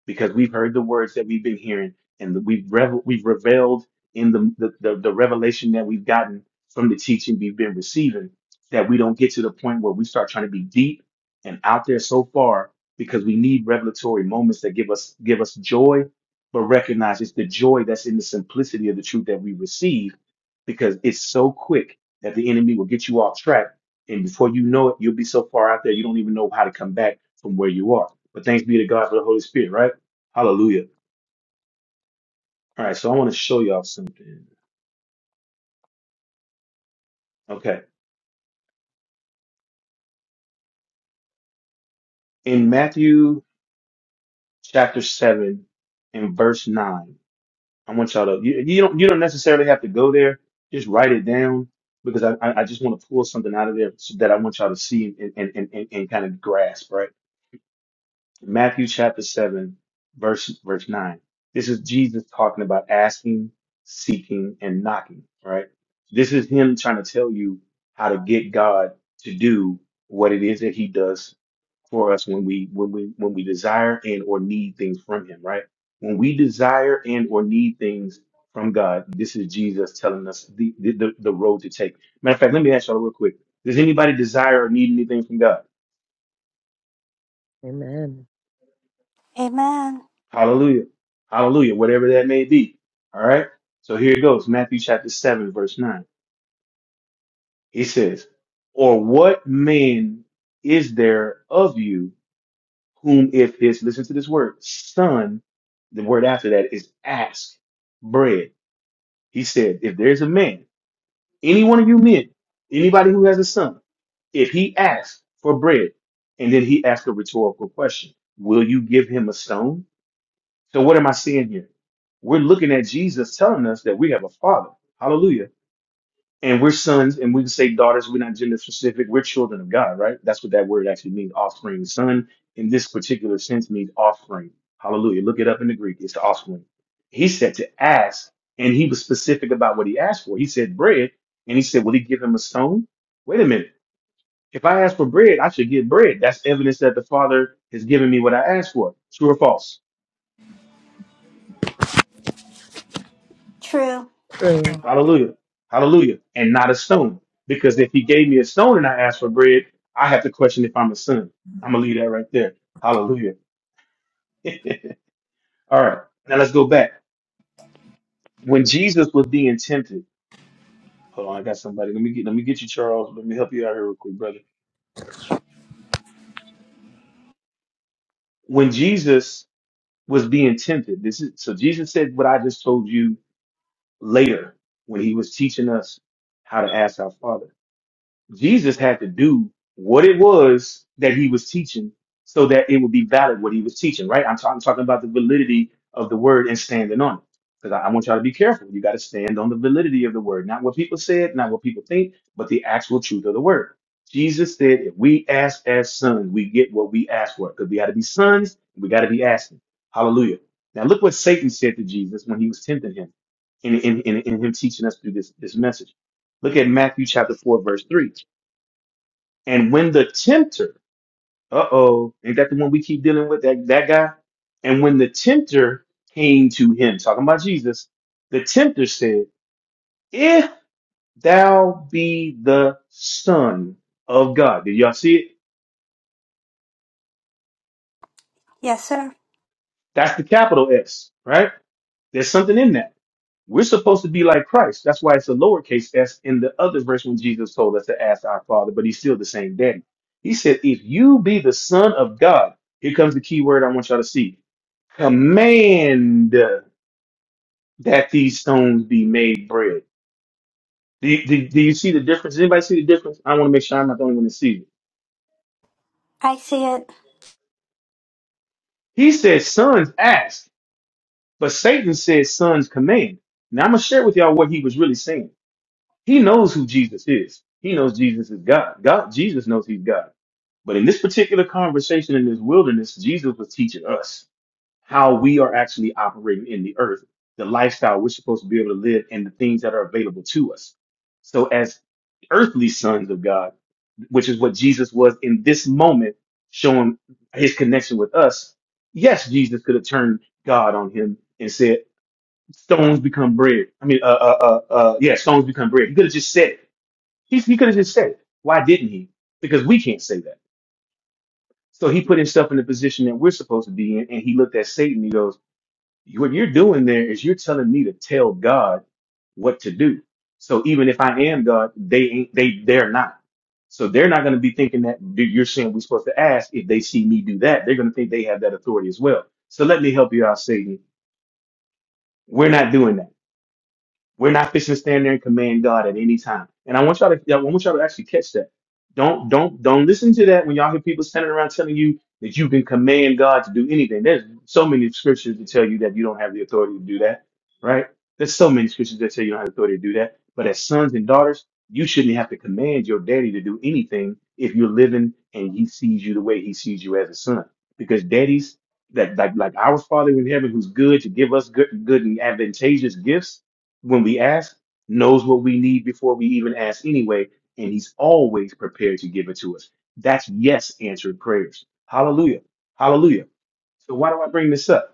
Speaker 1: because we've heard the words that we've been hearing and we've revel- we've reveled in the, the, the, the revelation that we've gotten from the teaching we've been receiving that we don't get to the point where we start trying to be deep and out there so far because we need revelatory moments that give us give us joy but recognize it's the joy that's in the simplicity of the truth that we receive because it's so quick that the enemy will get you off track and before you know it you'll be so far out there you don't even know how to come back from where you are but thanks be to god for the holy spirit right Hallelujah. All right, so I want to show y'all something. Okay. In Matthew chapter 7 and verse 9, I want y'all to, you, you don't you don't necessarily have to go there. Just write it down because I, I I just want to pull something out of there so that I want y'all to see and, and, and, and, and kind of grasp, right? Matthew chapter 7, verse, verse 9. This is Jesus talking about asking, seeking, and knocking, right? This is him trying to tell you how to get God to do what it is that he does for us when we when we when we desire and or need things from him, right? When we desire and or need things from God, this is Jesus telling us the the, the, the road to take. Matter of fact, let me ask y'all real quick. Does anybody desire or need anything from God?
Speaker 2: amen.
Speaker 3: Amen.
Speaker 1: Hallelujah. Hallelujah. Whatever that may be. All right. So here it goes. Matthew chapter 7, verse 9. He says, Or what man is there of you whom if his, listen to this word, son, the word after that is ask bread. He said, If there's a man, any one of you men, anybody who has a son, if he asks for bread, and then he asks a rhetorical question, will you give him a stone? So what am I seeing here? We're looking at Jesus telling us that we have a father. Hallelujah. And we're sons and we can say daughters. We're not gender specific. We're children of God, right? That's what that word actually means. Offspring. Son in this particular sense means offspring. Hallelujah. Look it up in the Greek. It's the offspring. He said to ask and he was specific about what he asked for. He said bread and he said, will he give him a stone? Wait a minute. If I ask for bread, I should get bread. That's evidence that the father has given me what I asked for. True or false?
Speaker 3: True.
Speaker 2: True.
Speaker 1: Hallelujah. Hallelujah. And not a stone. Because if he gave me a stone and I asked for bread, I have to question if I'm a son. I'm going to leave that right there. Hallelujah. All right. Now let's go back. When Jesus was being tempted, hold on, I got somebody. Let me get let me get you, Charles. Let me help you out here real quick, brother. When Jesus was being tempted, this is so Jesus said what I just told you later when he was teaching us how to ask our Father. Jesus had to do what it was that he was teaching so that it would be valid what he was teaching, right? I'm, ta- I'm talking about the validity of the word and standing on it. Because I, I want y'all to be careful. You got to stand on the validity of the word, not what people said, not what people think, but the actual truth of the word. Jesus said, if we ask as sons, we get what we ask for. Because we got to be sons, we got to be asking. Hallelujah. Now look what Satan said to Jesus when he was tempting him in, in, in, in him teaching us through this, this message. Look at Matthew chapter 4, verse 3. And when the tempter, uh oh, ain't that the one we keep dealing with, that, that guy? And when the tempter came to him, talking about Jesus, the tempter said, If thou be the Son of God. Did y'all see it?
Speaker 3: Yes, sir.
Speaker 1: That's the capital S, right? There's something in that. We're supposed to be like Christ. That's why it's a lowercase s in the other verse when Jesus told us to ask our Father, but he's still the same daddy. He said, If you be the Son of God, here comes the key word I want y'all to see command that these stones be made bread. Do you, do, do you see the difference? Does anybody see the difference? I want to make sure I'm not the only one that sees it.
Speaker 3: I see it.
Speaker 1: He says, sons ask, but Satan says, sons command. Now I'm going to share with y'all what he was really saying. He knows who Jesus is. He knows Jesus is God. God, Jesus knows he's God. But in this particular conversation in this wilderness, Jesus was teaching us. how we are actually operating in the earth, the lifestyle we're supposed to be able to live, and the things that are available to us. So, as earthly sons of God, which is what Jesus was in this moment, showing his connection with us, yes, Jesus could have turned God on him and said, Stones become bread. I mean, uh, uh, uh, uh, yeah, stones become bread. He could have just said it. He, he could have just said it. Why didn't he? Because we can't say that. So he put himself in the position that we're supposed to be in, and he looked at Satan. He goes, what you're doing there is you're telling me to tell God what to do. So even if I am God, they ain't, they, they're not. So they're not going to be thinking that you- you're saying we're supposed to ask. If they see me do that, they're going to think they have that authority as well. So let me help you out, Satan. We're not doing that. We're not fixing to stand there and command God at any time. And I want y'all to, yeah, I want y'all to actually catch that. Don't, don't, don't listen to that when y'all hear people standing around telling you that you can command God to do anything. There's so many scriptures that tell you that you don't have the authority to do that, right? There's so many scriptures that tell you don't have the authority to do that. But as sons and daughters, you shouldn't have to command your daddy to do anything if you're living and he sees you the way he sees you as a son. Because daddies, that like like our Father in heaven, who's good to give us good, good and advantageous gifts, when we ask, knows what we need before we even ask anyway, and he's always prepared to give it to us. That's yes answered prayers. Hallelujah. Hallelujah. So why do I bring this up?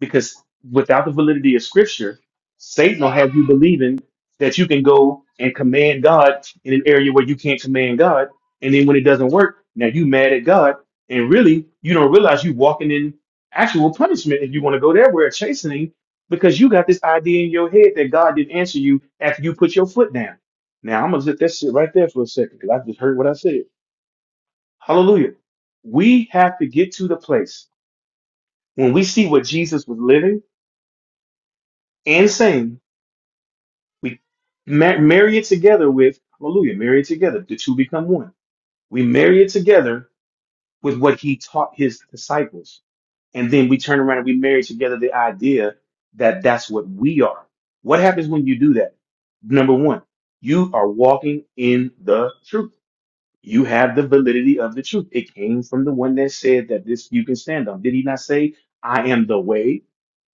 Speaker 1: because without the validity of scripture, Satan will have you believing that you can go and command God in an area where you can't command God. And then when it doesn't work, now you mad at God. And really, you don't realize you walking in actual punishment if you want to go there where it's chastening because you got this idea in your head that God didn't answer you after you put your foot down. Now I'm gonna let that sit right there for a second because I just heard what I said. Hallelujah. We have to get to the place when we see what Jesus was living and saying We ma- marry it together with, hallelujah, marry it together. The two become one. We marry it together with what he taught his disciples. And then we turn around and we marry together the idea that that's what we are. What happens when you do that? Number one, you are walking in the truth. You have the validity of the truth. It came from the one that said that this you can stand on. Did he not say, I am the way?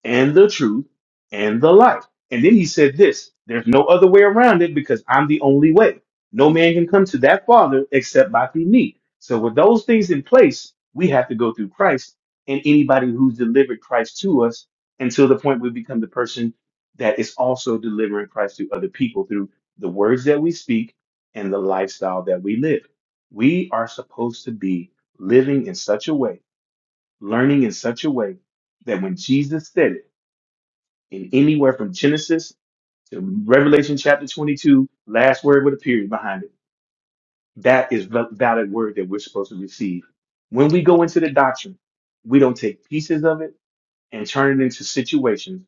Speaker 1: and the truth and the life. And then he said this there's no other way around it because I'm the only way. No man can come to that Father except by through me. So with those things in place, we have to go through Christ and anybody who's delivered Christ to us until the point we become the person that is also delivering Christ to other people through the words that we speak and the lifestyle that we live. We are supposed to be living in such a way, learning in such a way that when Jesus said it, in anywhere from Genesis to Revelation chapter 22, last word with a period behind it. That is val- valid word that we're supposed to receive. When we go into the doctrine, we don't take pieces of it and turn it into situations,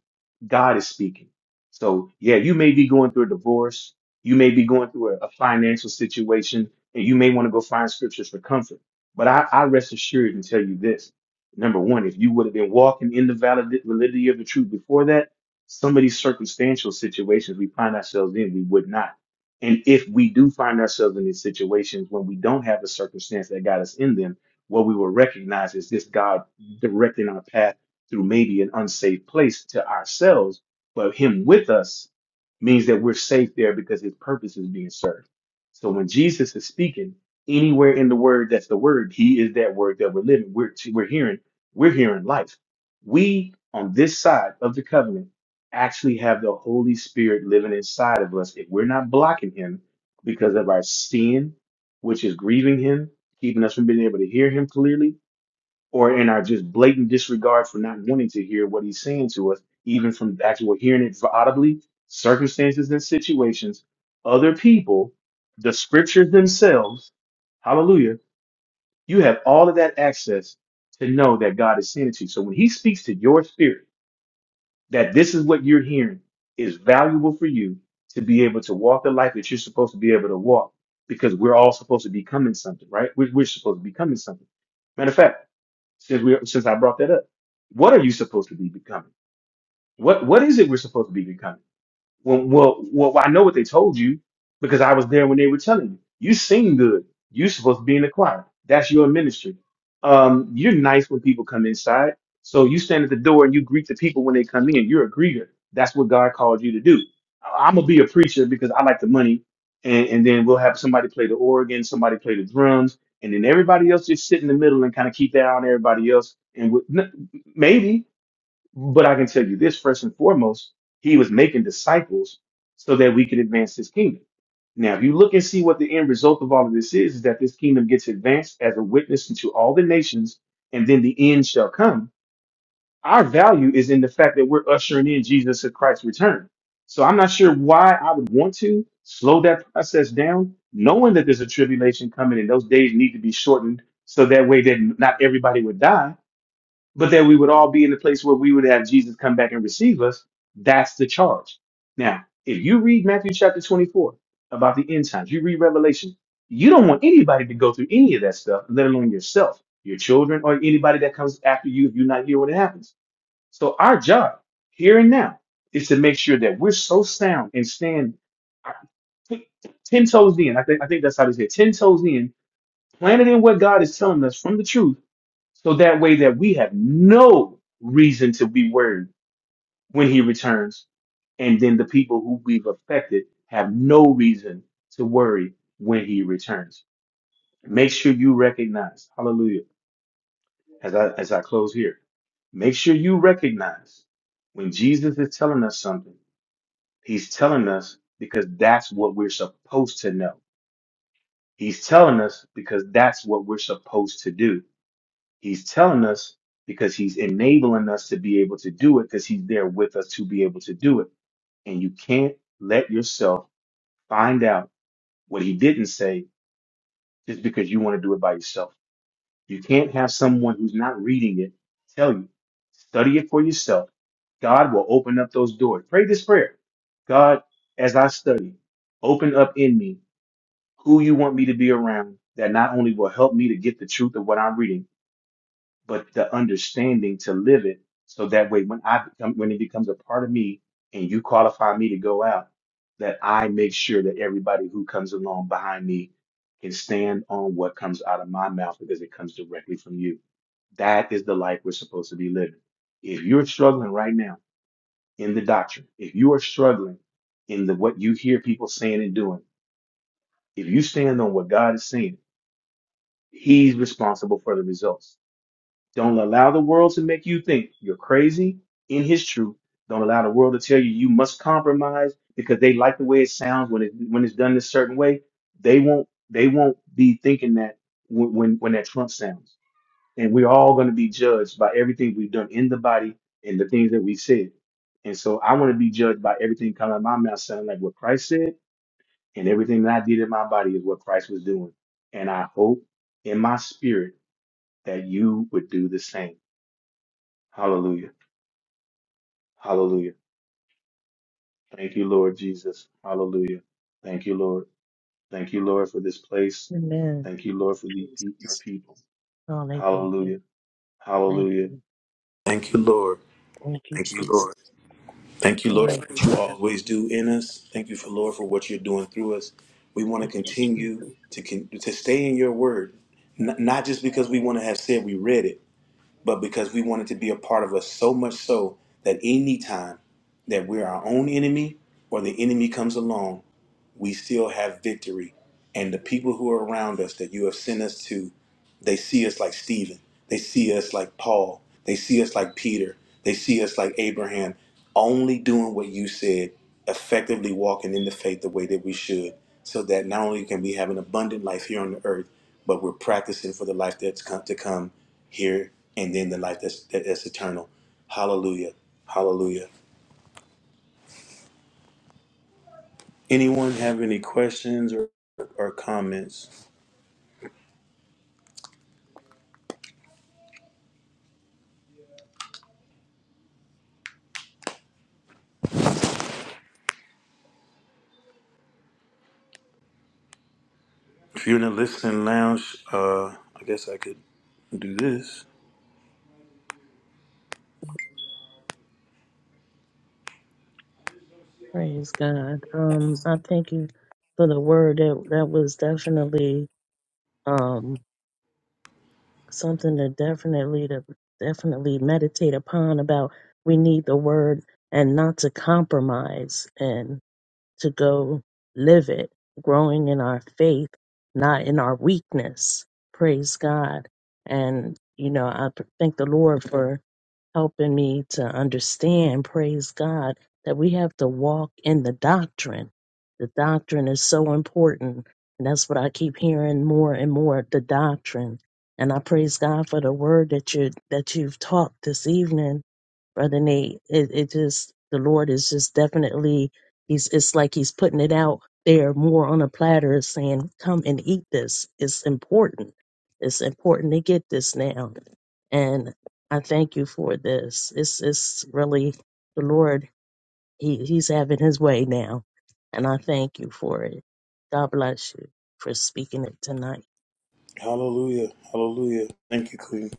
Speaker 1: God is speaking. So yeah, you may be going through a divorce, you may be going through a, a financial situation, and you may want to go find scriptures for comfort. But I, I rest assured and tell you this. Number one, if you would have been walking in the valid, validity of the truth before that, some of these circumstantial situations we find ourselves in, we would not. And if we do find ourselves in these situations when we don't have the circumstance that got us in them, what we will recognize is this God directing our path through maybe an unsafe place to ourselves, but him with us means that we're safe there because his purpose is being served. So when Jesus is speaking anywhere in the word, that's the word. He is that word that we're living. We're, we're hearing, we're hearing life. We on this side of the covenant actually have the Holy Spirit living inside of us. If we're not blocking him because of our sin, which is grieving him, keeping us from being able to hear him clearly, or in our just blatant disregard for not wanting to hear what he's saying to us, even from actual hearing it audibly, circumstances and situations, other people, the scriptures themselves, hallelujah, you have all of that access to know that God is sending to you. So when he speaks to your spirit, that this is what you're hearing is valuable for you to be able to walk the life that you're supposed to be able to walk because we're all supposed to be coming something, right? We're, we're supposed to be coming something. Matter of fact, since we since I brought that up. What are you supposed to be becoming? What what is it we're supposed to be becoming? Well, well, well, I know what they told you because I was there when they were telling you. You sing good. You supposed to be in the choir. That's your ministry. Um, you're nice when people come inside. So you stand at the door and you greet the people when they come in. You're a greeter. That's what God called you to do. I'm gonna be a preacher because I like the money, and, and then we'll have somebody play the organ, somebody play the drums, and then everybody else just sit in the middle and kind of keep that on everybody else. And we- n- maybe but I can tell you this first and foremost, he was making disciples so that we could advance his kingdom. Now, if you look and see what the end result of all of this is, is that this kingdom gets advanced as a witness into all the nations, and then the end shall come. Our value is in the fact that we're ushering in Jesus Christ's return. So I'm not sure why I would want to slow that process down, knowing that there's a tribulation coming and those days need to be shortened so that way that not everybody would die but that we would all be in the place where we would have Jesus come back and receive us. That's the charge. Now, if you read Matthew chapter 24 about the end times, you read Revelation, you don't want anybody to go through any of that stuff, let alone yourself, your children, or anybody that comes after you if you're not here when it happens. So, our job here and now is to make sure that we're so sound and stand uh, t- 10 toes in. I think, I think that's how they say it, 10 toes in, planted in what God is telling us from the truth so that way that we have no reason to be worried when he returns. And then the people who we've affected have no reason to worry when he returns. Make sure you recognize, hallelujah, as I, as I close here, make sure you recognize when Jesus is telling us something, he's telling us because that's what we're supposed to know. He's telling us because that's what we're supposed to do. He's telling us because he's enabling us to be able to do it because he's there with us to be able to do it. And you can't let yourself find out what he didn't say just because you want to do it by yourself. You can't have someone who's not reading it tell you. Study it for yourself. God will open up those doors. Pray this prayer. God, as I study, open up in me who you want me to be around that not only will help me to get the truth of what I'm reading, but the understanding to live it so that way when I become when it becomes a part of me and you qualify me to go out, that I make sure that everybody who comes along behind me can stand on what comes out of my mouth because it comes directly from you. That is the life we're supposed to be living. If you're struggling right now in the doctrine, if you are struggling in the what you hear people saying and doing, if you stand on what God is saying, He's responsible for the results. Don't allow the world to make you think you're crazy in his truth. Don't allow the world to tell you you must compromise because they like the way it sounds when it when it's done a certain way. They won't they won't be thinking that when when, when that trump sounds. And we're all going to be judged by everything we've done in the body and the things that we said. And so I want to be judged by everything coming out of my mouth sounding like what Christ said, and everything that I did in my body is what Christ was doing. And I hope in my spirit that you would do the same Hallelujah. Hallelujah. Thank you, Lord Jesus. Hallelujah. Thank you, Lord. Thank you, Lord, for this place.
Speaker 2: Amen.
Speaker 1: Thank you, Lord, for the, your
Speaker 2: Jesus.
Speaker 1: people.
Speaker 2: Hallelujah.
Speaker 1: Hallelujah.
Speaker 2: Thank
Speaker 1: Hallelujah.
Speaker 2: you.
Speaker 1: Thank you, Lord.
Speaker 2: Thank you,
Speaker 1: Thank you,
Speaker 2: Jesus.
Speaker 1: Lord. Thank you, Lord, for
Speaker 2: Glory
Speaker 1: what you
Speaker 2: to God.
Speaker 1: always do in us. Thank you, for Lord, for what you're doing through us. We want to
Speaker 2: Thank you.
Speaker 1: continue
Speaker 2: Jesus.
Speaker 1: to con- to stay in your word, N- not just because we want to have said we read it, but because we want it to be a part of us so much so that any time that we're our own enemy or the enemy comes along, we still have victory. And the people who are around us that you have sent us to they see us like Stephen. They see us like Paul. They see us like Peter. They see us like Abraham, only doing what you said, effectively walking in the faith the way that we should, so that not only can we have an abundant life here on the earth, but we're practicing for the life that's come to come here and then the life that's that- that's eternal. Hallelujah. Hallelujah. Anyone have any questions or, or comments? If you're in the listening lounge, uh, I guess I could do this.
Speaker 2: Praise God. Um, I thank you for the word that that was definitely um something to definitely to definitely meditate upon about we need the word and not to compromise and to go live it, growing in our faith, not in our weakness. Praise God. And you know, I thank the Lord for helping me to understand, praise God, that we have to walk in the doctrine. The doctrine is so important. And that's what I keep hearing more and more, the doctrine. And I praise God for the word that you that you've taught this evening, Brother Nate. It it just the Lord is just definitely He's it's like He's putting it out there more on a platter saying, Come and eat this. It's important. It's important to get this now And I thank you for this. It's it's really the Lord. He he's having his way now, and I thank you for it. God bless you for speaking it tonight.
Speaker 1: Hallelujah. Hallelujah. Thank you, Queen.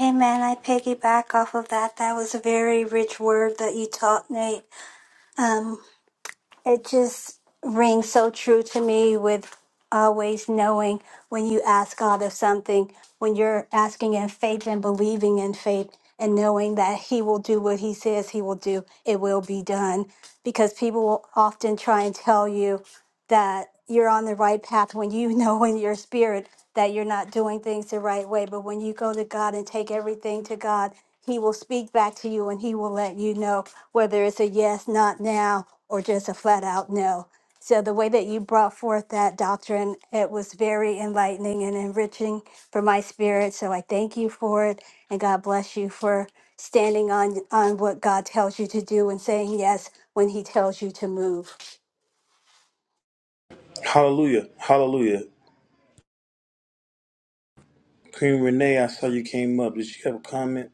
Speaker 3: Amen. I piggyback off of that. That was a very rich word that you taught, Nate. It just rings so true to me with always knowing when you ask God of something, when you're asking in faith and believing in faith and knowing that He will do what He says He will do, it will be done. Because people will often try and tell you, that you're on the right path when you know in your spirit that you're not doing things the right way. But when you go to God and take everything to God, He will speak back to you and He will let you know whether it's a yes, not now, or just a flat out no. So the way that you brought forth that doctrine, it was very enlightening and enriching for my spirit. So I thank you for it, and God bless you for standing on on what God tells you to do and saying yes when He tells you to move.
Speaker 1: Hallelujah. Hallelujah. Queen Renee, I saw you came up. Did you have a comment?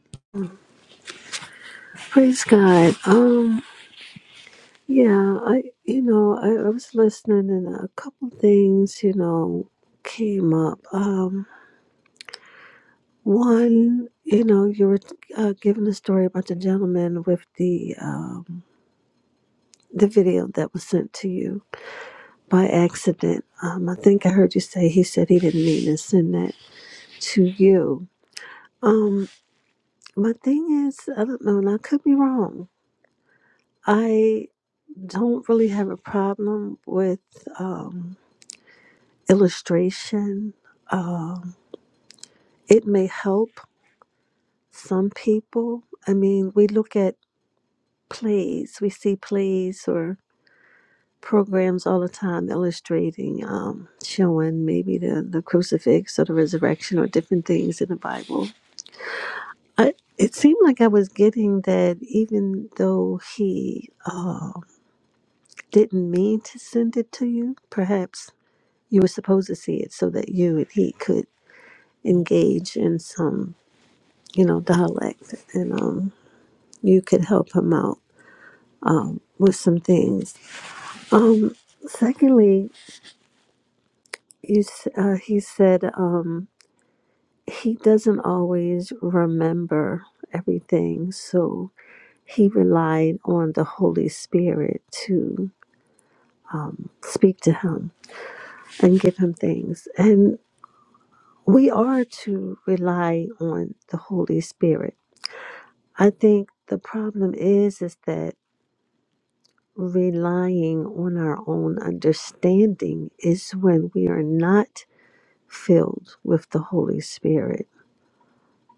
Speaker 4: Praise God. Um, yeah, I you know, I, I was listening and a couple things, you know, came up. Um, one, you know, you were uh, giving the story about the gentleman with the um, the video that was sent to you by accident. Um, I think I heard you say he said he didn't mean to send that to you. Um, my thing is, I don't know, and I could be wrong. I don't really have a problem with. um illustration. Um, it may help some people. I mean, we look at plays, we see plays or programs all the time illustrating, um, showing maybe the, the crucifix or the resurrection or different things in the Bible. I, it seemed like I was getting that even though he uh, didn't mean to send it to you, perhaps you were supposed to see it so that you and he could engage in some you know, dialect, and um, you could help him out um, with some things. Um, secondly, you, s- uh, he said um, he doesn't always remember everything, so he relied on the Holy Spirit to speak to him and give him things. And we are to rely on the Holy Spirit. I think the problem is is that relying on our own understanding is when we are not filled with the Holy Spirit.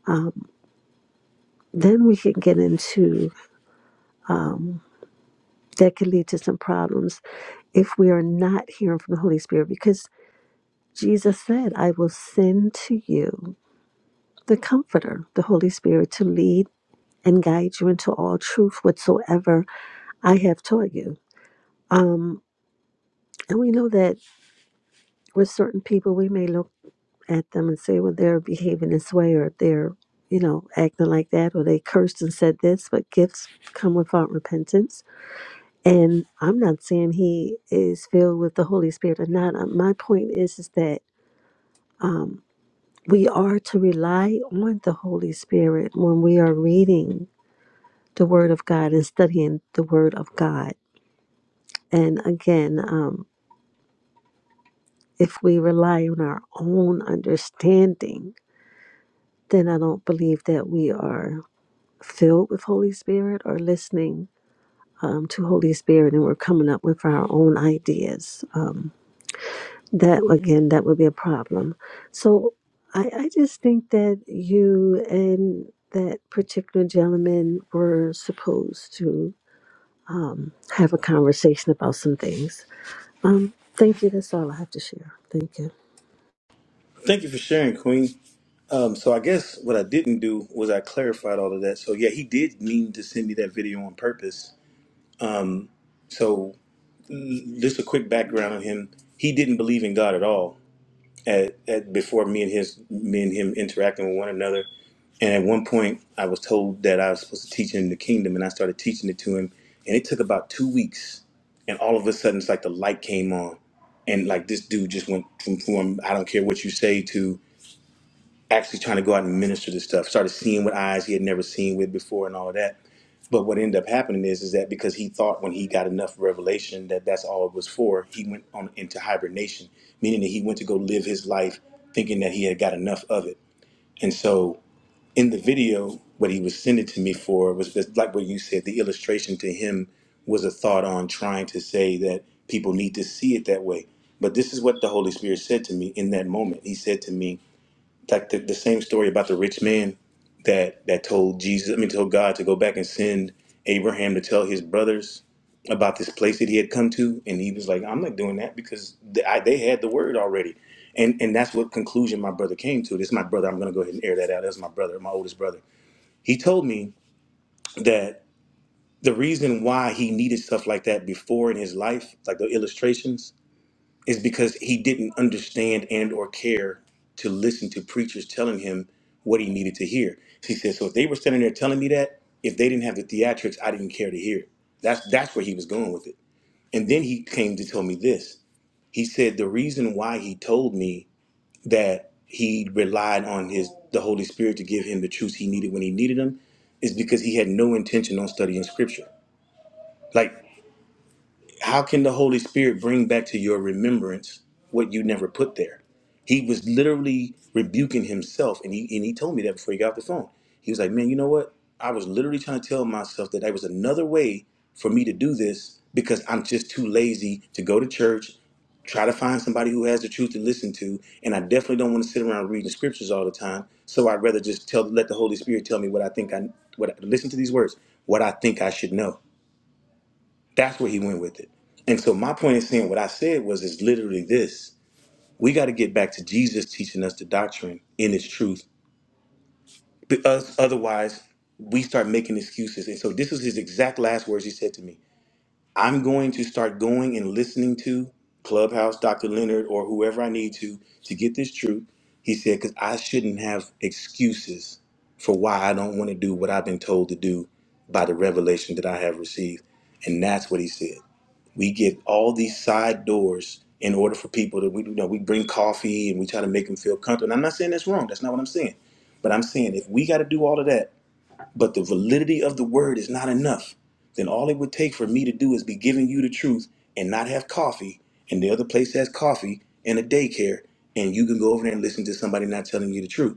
Speaker 4: Um, then we can get into that can lead to some problems if we are not hearing from the Holy Spirit because Jesus said, I will send to you the Comforter, the Holy Spirit, to lead and guide you into all truth whatsoever I have taught you. Um, and we know that with certain people, we may at them and say, well, they're behaving this way or they're, you know, acting like that or they cursed and said this, but gifts come without repentance. And I'm not saying he is filled with the Holy Spirit or not. Uh, My point is, is that um, we are to rely on the Holy Spirit when we are reading the Word of God and studying the Word of God. And again, um, if we rely on our own understanding, then I don't believe that we are. filled with Holy Spirit or listening um, to Holy Spirit and we're coming up with our own ideas. Um, that, again, that would be a problem. So I, I just think that you and that particular gentleman were supposed to um, have a conversation about some things. Um, thank you. That's all I have to share. Thank you.
Speaker 1: Thank you for sharing, Queen. Um, so I guess what I didn't do was I clarified all of that. So yeah, he did mean to send me that video on purpose. So just a quick background on him. He didn't believe in God at all. at, at before me and his me and him interacting with one another. And at one point, I was told that I was supposed to teach him the kingdom, and I started teaching it to him. And it took about two weeks, and all of a sudden, it's like the light came on, and like this dude just went from from I don't care what you say to actually trying to go out and minister this stuff. Started seeing with eyes he had never seen with before, and all of that. But what ended up happening is, is that because he thought when he got enough revelation that that's all it was for, he went on into hibernation, meaning that he went to go live his life thinking that he had got enough of it. And so in the video, what he was sending to me for was just like what you said, the illustration to him was a thought on trying to say that people need to see it that way. But this is what the Holy Spirit said to me in that moment. He said to me, like the, the same story about the rich man that that told Jesus, I mean, told God to go back and send Abraham to tell his brothers about this place that he had come to, and he was like, "I'm not doing that because th- I, they had the word already," and and that's what conclusion my brother came to. This is my brother. I'm going to go ahead and air that out. That's my brother, my oldest brother. He told me that the reason why he needed stuff like that before in his life, like the illustrations, is because he didn't understand and or care to listen to preachers telling him what he needed to hear. He said, so if they were standing there telling me that, if they didn't have the theatrics, I didn't care to hear it. That's that's where he was going with it. And then he came to tell me this. He said the reason why he told me that he relied on his the Holy Spirit to give him the truths he needed when he needed them is because he had no intention on studying scripture. Like, how can the Holy Spirit bring back to your remembrance what you never put there? He was literally rebuking himself, and he and he told me that before he got off the phone. He was like, "Man, you know what? I was literally trying to tell myself that there was another way for me to do this because I'm just too lazy to go to church, try to find somebody who has the truth to listen to, and I definitely don't want to sit around reading scriptures all the time. So I'd rather just tell let the Holy Spirit tell me what I think I what listen to these words, what I think I should know." That's where he went with it. And so my point in saying what I said was is literally this. We got to get back to Jesus teaching us the doctrine in its truth. Because otherwise, we start making excuses. And so this is his exact last words he said to me. I'm going to start going and listening to Clubhouse, Dr. Leonard, or whoever I need to to get this truth. He said, because I shouldn't have excuses for why I don't want to do what I've been told to do by the revelation that I have received. And that's what he said we get all these side doors in order for people to we you know we bring coffee and we try to make them feel comfortable. And I'm not saying that's wrong. That's not what I'm saying. But I'm saying if we got to do all of that, but the validity of the word is not enough, then all it would take for me to do is be giving you the truth and not have coffee, and the other place has coffee and a daycare, and you can go over there and listen to somebody not telling you the truth.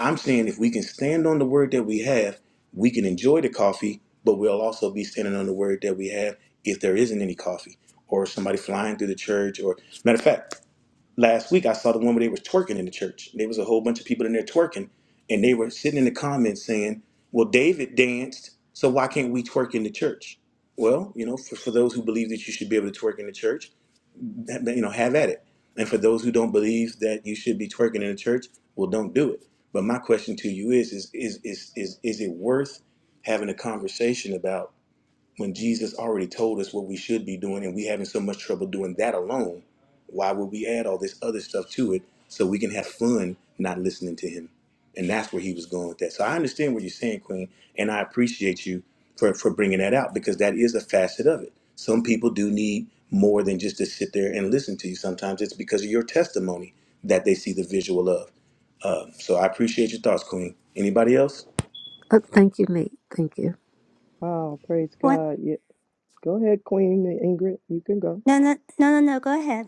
Speaker 1: I'm saying if we can stand on the word that we have, we can enjoy the coffee, but we'll also be standing on the word that we have if there isn't any coffee or somebody flying through the church. Or matter of fact, last week I saw the one where they was twerking in the church. There was a whole bunch of people in there twerking, and they were sitting in the comments saying, "Well, David danced, so why can't we twerk in the church?" Well, you know, for, for those who believe that you should be able to twerk in the church, you know, have at it. And for those who don't believe that you should be twerking in the church, well, don't do it. But my question to you is, is, is, is, is, is it worth having a conversation about? when Jesus already told us what we should be doing and we having so much trouble doing that alone, why would we add all this other stuff to it so we can have fun not listening to him? And that's where he was going with that. So I understand what you're saying, Queen, and I appreciate you for, for bringing that out because that is a facet of it. Some people do need more than just to sit there and listen to you. Sometimes it's because of your testimony that they see the visual of. Um, so I appreciate your thoughts, Queen. Anybody else?
Speaker 4: Uh, thank you, Nate. Thank you.
Speaker 5: Wow, praise God. Yeah. Go ahead, Queen Ingrid. You can go.
Speaker 3: No, no, no, no, no. Go ahead.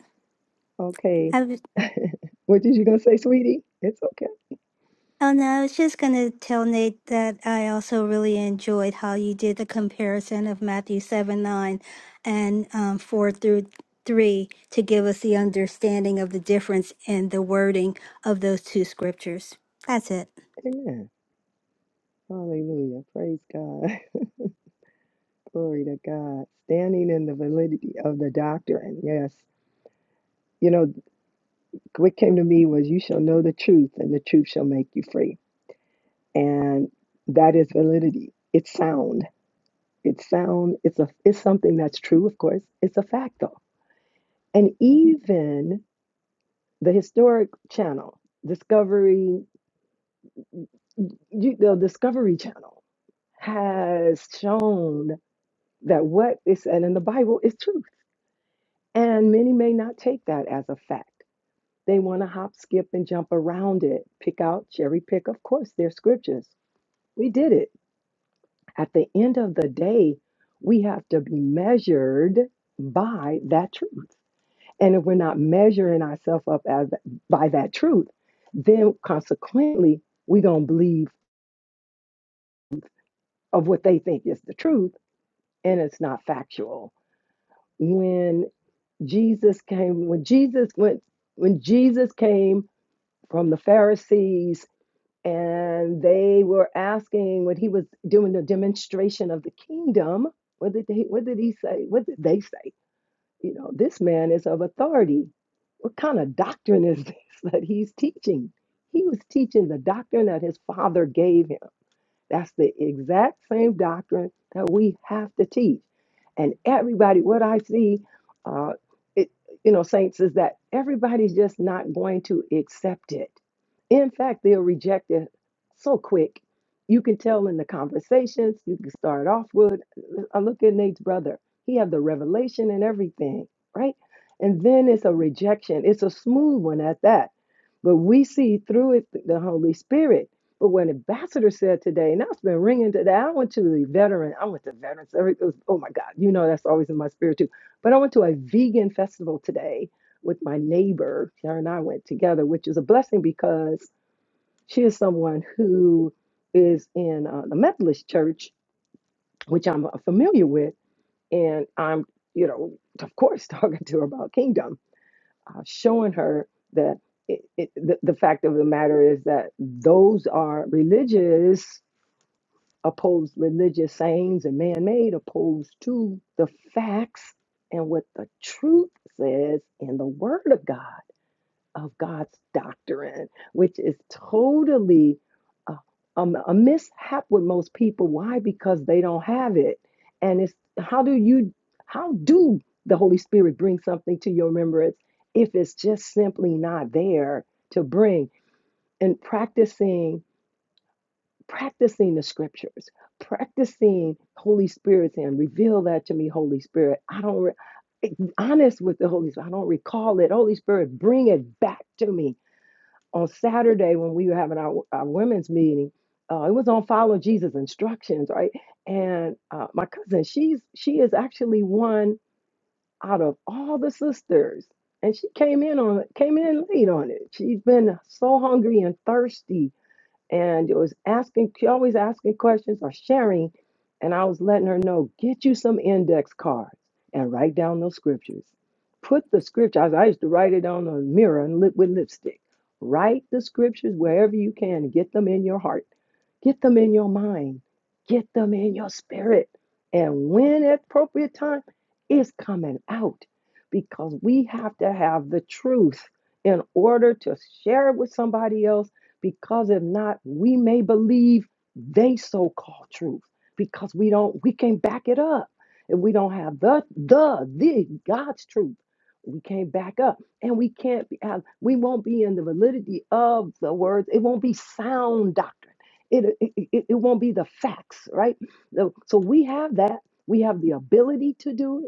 Speaker 5: Okay.
Speaker 3: I was,
Speaker 5: What did you gonna say, sweetie? It's okay.
Speaker 3: oh no, I was just gonna tell Nate that I also really enjoyed how you did the comparison of Matthew seven nine and um, four through three to give us the understanding of the difference in the wording of those two scriptures. That's it.
Speaker 5: Amen. Hallelujah. Praise God. Glory to God. Standing in the validity of the doctrine. Yes. You know, what came to me was you shall know the truth, and the truth shall make you free. And that is validity. It's sound. It's sound. It's a it's something that's true, of course. It's a fact though. And even the historic channel, Discovery You, the Discovery Channel has shown that what is said in the Bible is truth. And many may not take that as a fact. They want to hop, skip, and jump around it, pick out, cherry pick, of course, their scriptures. We did it. At the end of the day, we have to be measured by that truth. And if we're not measuring ourselves up as by that truth, then consequently, we're going to believe of what they think is the truth and it's not factual. When Jesus came, when Jesus went, when Jesus came from the Pharisees and they were asking when he was doing the demonstration of the kingdom, what did they, what did he say? What did they say? You know, this man is of authority. What kind of doctrine is this that he's teaching? He was teaching the doctrine that his father gave him that's the exact same doctrine that we have to teach. And everybody, what I see, uh, it, you know, saints, is that everybody's just not going to accept it. In fact, they'll reject it so quick. You can tell in the conversations. You can start off with, I look at Nate's brother. He had the revelation and everything, right? And then it's a rejection. It's a smooth one at that. But we see through it the Holy Spirit but when Ambassador said today, and that's been ringing today, I went to the veteran, I went to veterans, every- it was- oh my God, you know, that's always in my spirit too. But I went to a vegan festival today with my neighbor. Her and I went together, which is a blessing because she is someone who is in uh, the Methodist church, which I'm uh, familiar with. And I'm, you know, of course, talking to her about kingdom, uh, showing her that it, it, the, the fact of the matter is that those are religious opposed religious sayings and man made, opposed to the facts and what the truth says in the Word of God, of God's doctrine, which is totally uh, um, a mishap with most people. Why? Because they don't have it. And it's how do you, how do the Holy Spirit bring something to your remembrance if it's just simply not there to bring? And practicing practicing the scriptures, practicing Holy Spirit saying, reveal that to me, Holy Spirit. I don't, re- eh, honest with the Holy Spirit, I don't recall it. Holy Spirit, bring it back to me. On Saturday, when we were having our, our women's meeting, uh, it was on follow Jesus instructions, right? And uh, my cousin, she's she is actually one out of all the sisters, and she came in on came in late on it. She's been so hungry and thirsty and it was asking she always asking questions or sharing and i was letting her know get you some index cards and write down those scriptures put the scriptures. i I used to write it on a mirror and lip with lipstick write the scriptures wherever you can get them in your heart get them in your mind get them in your spirit and when at appropriate time it's coming out because we have to have the truth in order to share it with somebody else because if not, we may believe they so called truth because we don't we can't back it up. If we don't have the the the God's truth, we can't back up, and we can't be we won't be in the validity of the words. It won't be sound doctrine. It it, it, it won't be the facts, right? So so we have that. We have the ability to do it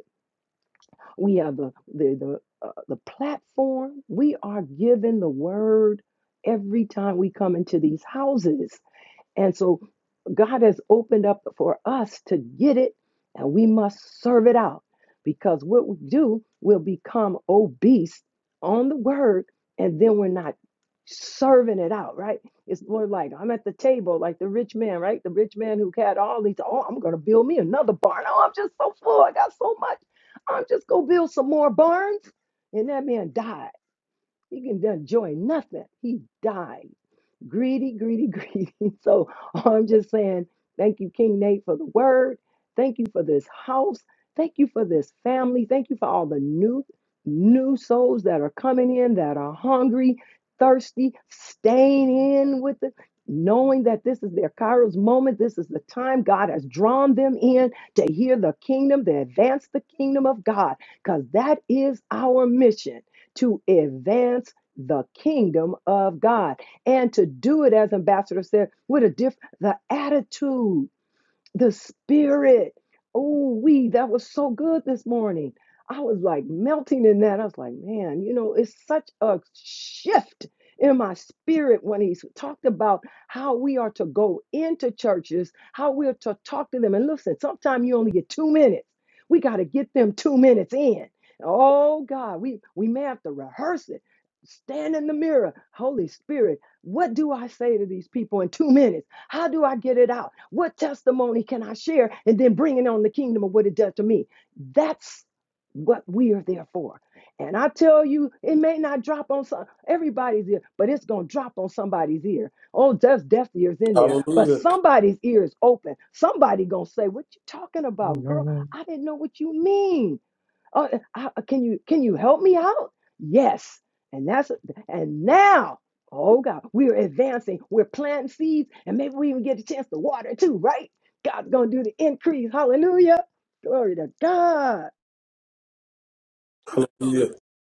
Speaker 5: we are the the the, uh, the platform. We are given the word every time we come into these houses. And so God has opened up for us to get it, and we must serve it out because what we do will become obese on the word, and then we're not serving it out, right? It's more like I'm at the table, like the rich man, right? The rich man who had all these, oh, I'm going to build me another barn. Oh, I'm just so full. I got so much. I'm just going to build some more barns. And that man died. He can enjoy nothing. He died greedy, greedy, greedy. So I'm just saying, thank you, King Nate, for the word. Thank you for this house. Thank you for this family. Thank you for all the new, new souls that are coming in that are hungry, thirsty, staying in with it, knowing that this is their Kairos moment. This is the time God has drawn them in to hear the kingdom, to advance the kingdom of God, because that is our mission to advance the kingdom of God and to do it as ambassadors said with a diff the attitude the spirit. Oh, we, that was so good this morning. I was like melting in that. I was like, man, you know, it's such a shift in my spirit when he's talked about how we are to go into churches, how we're to talk to them. And listen, sometimes you only get two minutes. We got to get them two minutes in. Oh God, we we may have to rehearse it. Stand in the mirror. Holy Spirit, what do I say to these people in two minutes? How do I get it out? What testimony can I share? And then bringing on the kingdom of what it does to me. That's what we are there for. And I tell you, it may not drop on some, everybody's ear, but it's going to drop on somebody's ear. Oh, there's deaf ears in there, but
Speaker 1: Hallelujah.
Speaker 5: somebody's ear is open. Somebody going to say, what you talking about, girl?
Speaker 2: Amen.
Speaker 5: I didn't know what you mean. Oh, uh, can you can you help me out? Yes. And that's and now, oh God, we're advancing. We're planting seeds, and maybe we even get a chance to water too, right? God's gonna do the increase. Hallelujah. Glory to God.
Speaker 1: Hallelujah.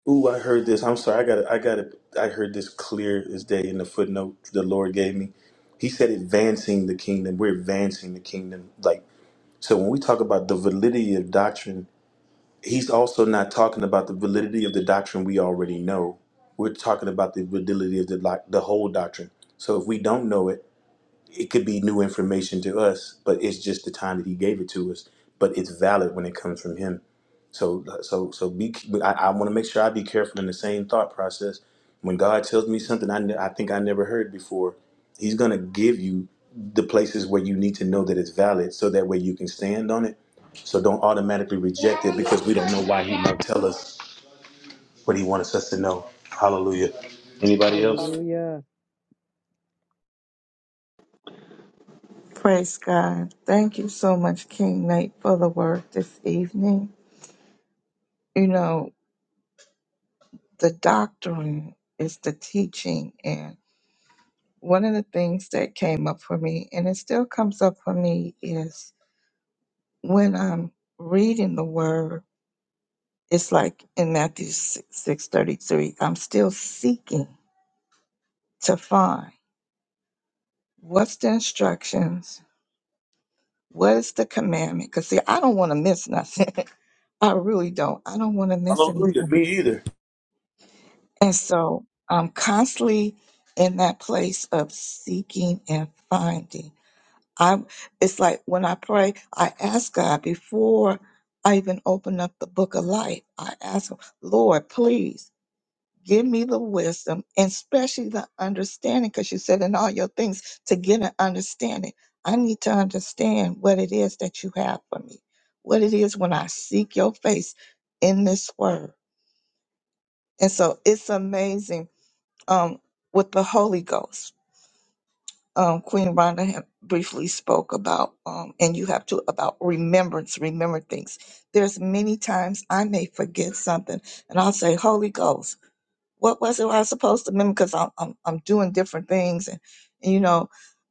Speaker 1: Ooh, I heard this. I'm sorry. I got. it. I got. it. I heard this clear as day in the footnote the Lord gave me. He said, "Advancing the kingdom. We're advancing the kingdom." Like so, when we talk about the validity of doctrine, he's also not talking about the validity of the doctrine we already know. We're talking about the validity of the doc- the whole doctrine. So if we don't know it, it could be new information to us, but it's just the time that he gave it to us. But it's valid when it comes from him. So so so be. I, I want to make sure I be careful in the same thought process. When God tells me something I, ne- I think I never heard before, He's gonna give you the places where you need to know that it's valid, so that way you can stand on it. So don't automatically reject it because we don't know why He might tell us what He wants us to know. Hallelujah. Anybody else?
Speaker 5: Hallelujah.
Speaker 6: Praise God. Thank you so much, King Nate, for the word this evening. You know, the doctrine is the teaching. And one of the things that came up for me, and it still comes up for me, is when I'm reading the word, it's like in Matthew six thirty-three, I'm still seeking to find what's the instructions, what is the commandment. Because, see, I don't want to miss nothing. I really don't. I don't want to miss
Speaker 1: Hallelujah.
Speaker 6: anything.
Speaker 1: Me either.
Speaker 6: And so I'm constantly in that place of seeking and finding. I it's like when I pray, I ask God before I even open up the book of life. I ask him, Lord, please give me the wisdom and especially the understanding, because you said in all your things to get an understanding. I need to understand what it is that you have for me, what it is when I seek your face in this word. And so it's amazing um, with the Holy Ghost. Um, Queen Rhonda had briefly spoke about, um, and you have to about remembrance, remember things. There's many times I may forget something, and I'll say, Holy Ghost, what was it I was supposed to remember? Because I'm, I'm I'm doing different things, and, and you know,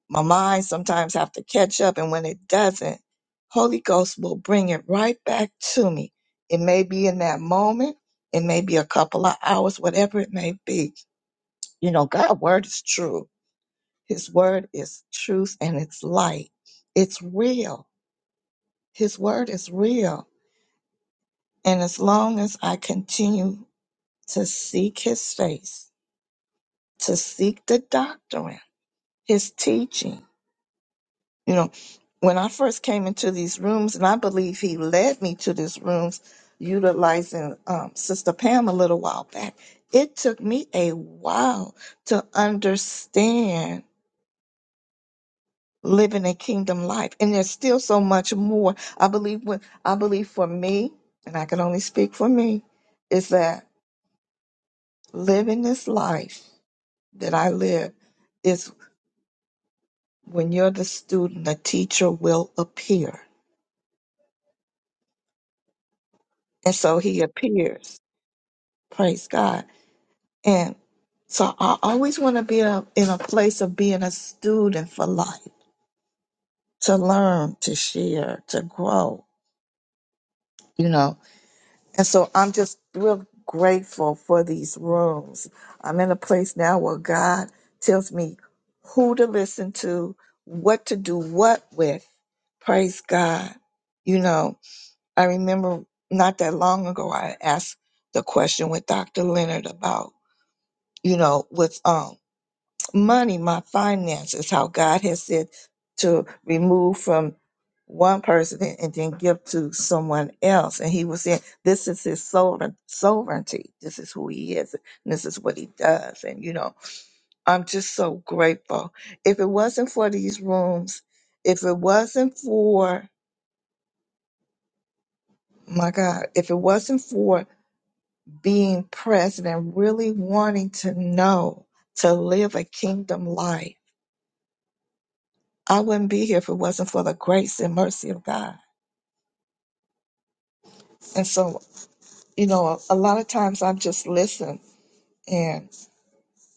Speaker 6: my mind sometimes have to catch up, and when it doesn't, Holy Ghost will bring it right back to me. It may be in that moment, it may be a couple of hours, whatever it may be. You know, God's word is true his word is truth and it's light. It's real. His word is real. And as long as I continue to seek his face, to seek the doctrine, his teaching, you know, when I first came into these rooms, and I believe he led me to these rooms utilizing um, Sister Pam a little while back, it took me a while to understand living a kingdom life and there's still so much more i believe what i believe for me and i can only speak for me is that living this life that i live is when you're the student the teacher will appear and so he appears praise god and so i always want to be a, in a place of being a student for life to learn to share to grow you know And so I'm just real grateful for these rooms. I'm in a place now where God tells me who to listen to, what to do what with. Praise God. You know, I remember not that long ago I asked the question with Dr. Leonard about, you know, with um money, my finances, how God has said to remove from one person and and then give to someone else. And he was saying, this is his sovereign, sovereignty. This is who he is. And this is what he does. And, you know, I'm just so grateful. If it wasn't for these rooms, if it wasn't for, my God, if it wasn't for being present and really wanting to know, to live a kingdom life, I wouldn't be here if it wasn't for the grace and mercy of God. And so, you know, a lot of times I just listen and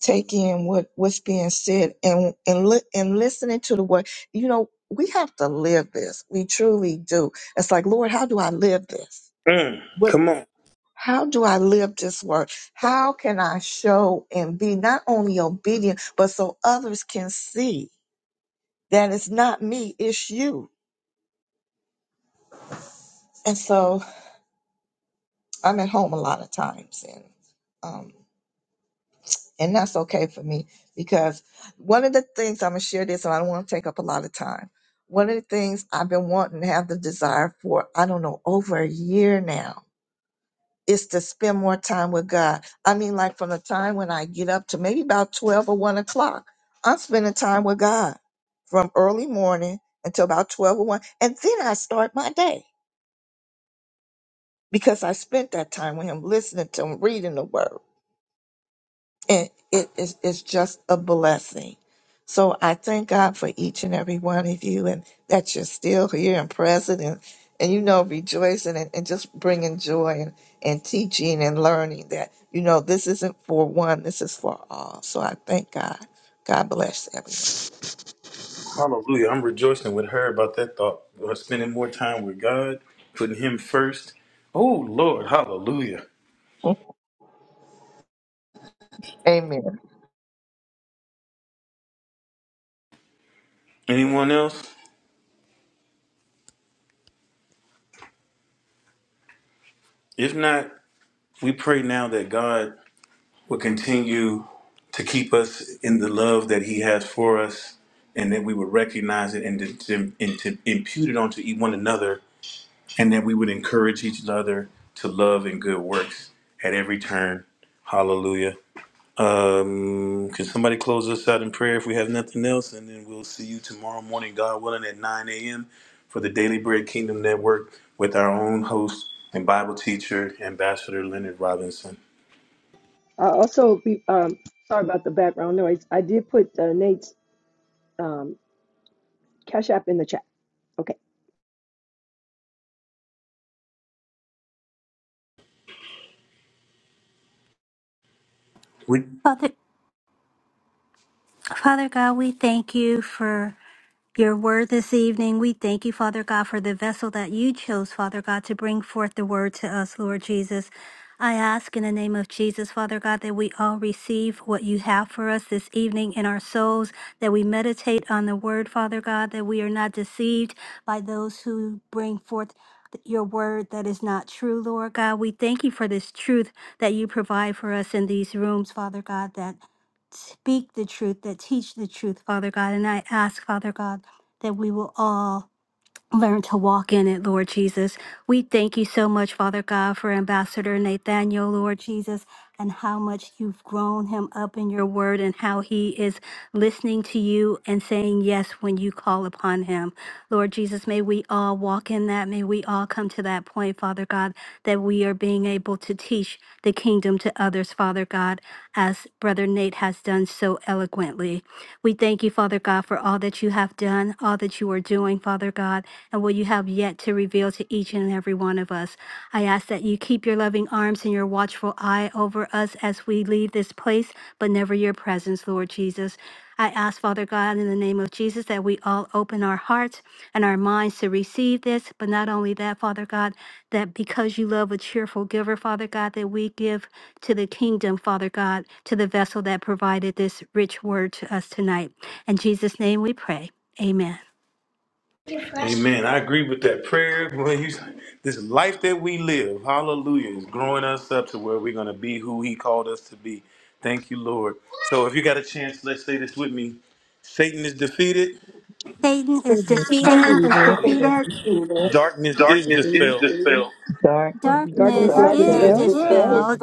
Speaker 6: take in what what's being said and and li- and listening to the word. You know, we have to live this. We truly do. It's like, Lord, how do I live this?
Speaker 1: Mm,
Speaker 6: What
Speaker 1: come on.
Speaker 6: how do I live this word? How can I show and be not only obedient, but so others can see that it's not me, it's you. And so I'm at home a lot of times and um. And that's okay for me because one of the things I'm going to share this and I don't want to take up a lot of time. One of the things I've been wanting to have the desire for, I don't know, over a year now, is to spend more time with God. I mean, like from the time when I get up to maybe about 12 or 1 o'clock, I'm spending time with God from early morning until about 12 or 1. And then I start my day because I spent that time with Him, listening to Him, reading the Word and it is it's just a blessing. So I thank God for each and every one of you and that you're still here and present and, and you know rejoicing and, and just bringing joy and, and teaching and learning that you know this isn't for one this is for all. So I thank God. God bless
Speaker 1: Hallelujah. I'm rejoicing with her about that thought. Uh, Spending more time with God, putting Him first. Oh, Lord.
Speaker 6: everyone. Amen.
Speaker 1: Anyone else? If not, we pray now that God will continue to keep us in the love that He has for us, and that we would recognize it and to, to- and to impute it onto e- one another, and that we would encourage each other to love and good works at every turn. Hallelujah. Um, can somebody close us out in prayer if we have nothing else? And then we'll see you tomorrow morning, God willing, at 9 a.m. for the Daily Bread Kingdom Network with our own host and Bible teacher, Ambassador Leonard Robinson.
Speaker 5: I also be um sorry about the background noise. I did put uh, Nate's um cash app in the chat. Okay.
Speaker 1: We,
Speaker 3: Father, Father God, we thank you for. your word this evening. We thank you, Father God, for the vessel that you chose, Father God, to bring forth the word to us, Lord Jesus. I ask in the name of Jesus, Father God, that we all receive what you have for us this evening in our souls, that we meditate on the word, Father God, that we are not deceived by those who bring forth your word that is not true, Lord God. We thank you for this truth that you provide for us in these rooms, Father God, that speak the truth, that teach the truth, Father God. And I ask, Father God, that we will all learn to walk in it, Lord Jesus. We thank you so much, Father God, for Ambassador Nathaniel, Lord Jesus, and how much you've grown him up in your word and how he is listening to you and saying yes when you call upon him. Lord Jesus, may we all walk in that. May we all come to that point, Father God, that we are being able to teach the kingdom to others, Father God, as Brother Nathan. Kate has done so eloquently. We thank you, Father God, for all that you have done, all that you are doing, Father God, and what you have yet to reveal to each and every one of us. I ask that you keep your loving arms and your watchful eye over us as we leave this place, but never your presence, Lord Jesus. I ask, Father God, in the name of Jesus, that we all open our hearts and our minds to receive this. But not only that, Father God, that because you love a cheerful giver, Father God, that we give to the kingdom, Father God, to the vessel that provided this rich word to us tonight. In Jesus' name we pray. Amen.
Speaker 1: amen. I agree with that prayer. Boy, you, this life that we live, hallelujah, is growing us up to where we're going to be who He called us to be. Thank you, Lord. So if you got a chance, let's say this with me Satan is defeated,
Speaker 3: Satan is
Speaker 7: Satan is
Speaker 3: defeated.
Speaker 6: Amen.
Speaker 7: defeated.
Speaker 1: darkness is
Speaker 5: Susan.
Speaker 1: dispelled
Speaker 6: Dark
Speaker 5: Oh,
Speaker 6: and Jesus,
Speaker 5: darkness
Speaker 6: the
Speaker 3: Darkness
Speaker 5: is
Speaker 3: is
Speaker 7: Darkness
Speaker 6: same.
Speaker 5: dispelled.
Speaker 7: dispelled
Speaker 3: dispelled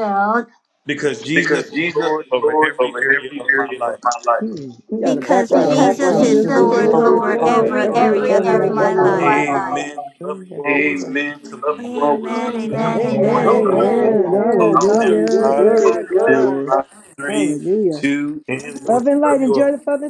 Speaker 1: Because Jesus
Speaker 7: because
Speaker 1: is
Speaker 7: Jesus
Speaker 1: Lord
Speaker 7: is
Speaker 1: over
Speaker 7: Lord
Speaker 1: every
Speaker 7: over
Speaker 1: area
Speaker 7: every
Speaker 1: of my
Speaker 7: area of
Speaker 1: life.
Speaker 7: my life.
Speaker 5: Mm. Yeah, the
Speaker 3: because
Speaker 6: Thank
Speaker 5: background.
Speaker 3: Jesus
Speaker 7: Jesus
Speaker 3: is
Speaker 7: is
Speaker 5: Jesus
Speaker 6: Jesus is
Speaker 5: is
Speaker 3: Lord
Speaker 7: Lord
Speaker 5: Lord
Speaker 6: Lord
Speaker 3: over
Speaker 6: over
Speaker 5: over
Speaker 3: every
Speaker 5: every
Speaker 6: every
Speaker 3: area
Speaker 7: over
Speaker 3: of
Speaker 5: area
Speaker 6: area
Speaker 3: my
Speaker 5: of
Speaker 6: of
Speaker 7: every
Speaker 5: my
Speaker 7: area of my
Speaker 6: my
Speaker 3: life.
Speaker 5: life.
Speaker 7: life.
Speaker 6: life.
Speaker 1: Amen. We love you
Speaker 5: Amen.
Speaker 1: all. We'll see you tomorrow morning,
Speaker 3: Amen,
Speaker 1: God
Speaker 7: Amen,
Speaker 1: will.
Speaker 7: amen,
Speaker 3: amen,
Speaker 5: Amen.
Speaker 6: Amen.
Speaker 3: amen.
Speaker 6: God
Speaker 7: Amen,
Speaker 1: Hallelujah.
Speaker 6: bless
Speaker 5: Amen.
Speaker 6: everyone.
Speaker 7: amen.
Speaker 1: Close it down.
Speaker 5: Hallelujah.
Speaker 1: Five,
Speaker 5: Glory to God.
Speaker 1: four, three,
Speaker 5: Hallelujah.
Speaker 1: two, and one.
Speaker 5: Love and
Speaker 1: Love
Speaker 5: light.
Speaker 1: you
Speaker 5: Enjoy
Speaker 1: all.
Speaker 5: the Father.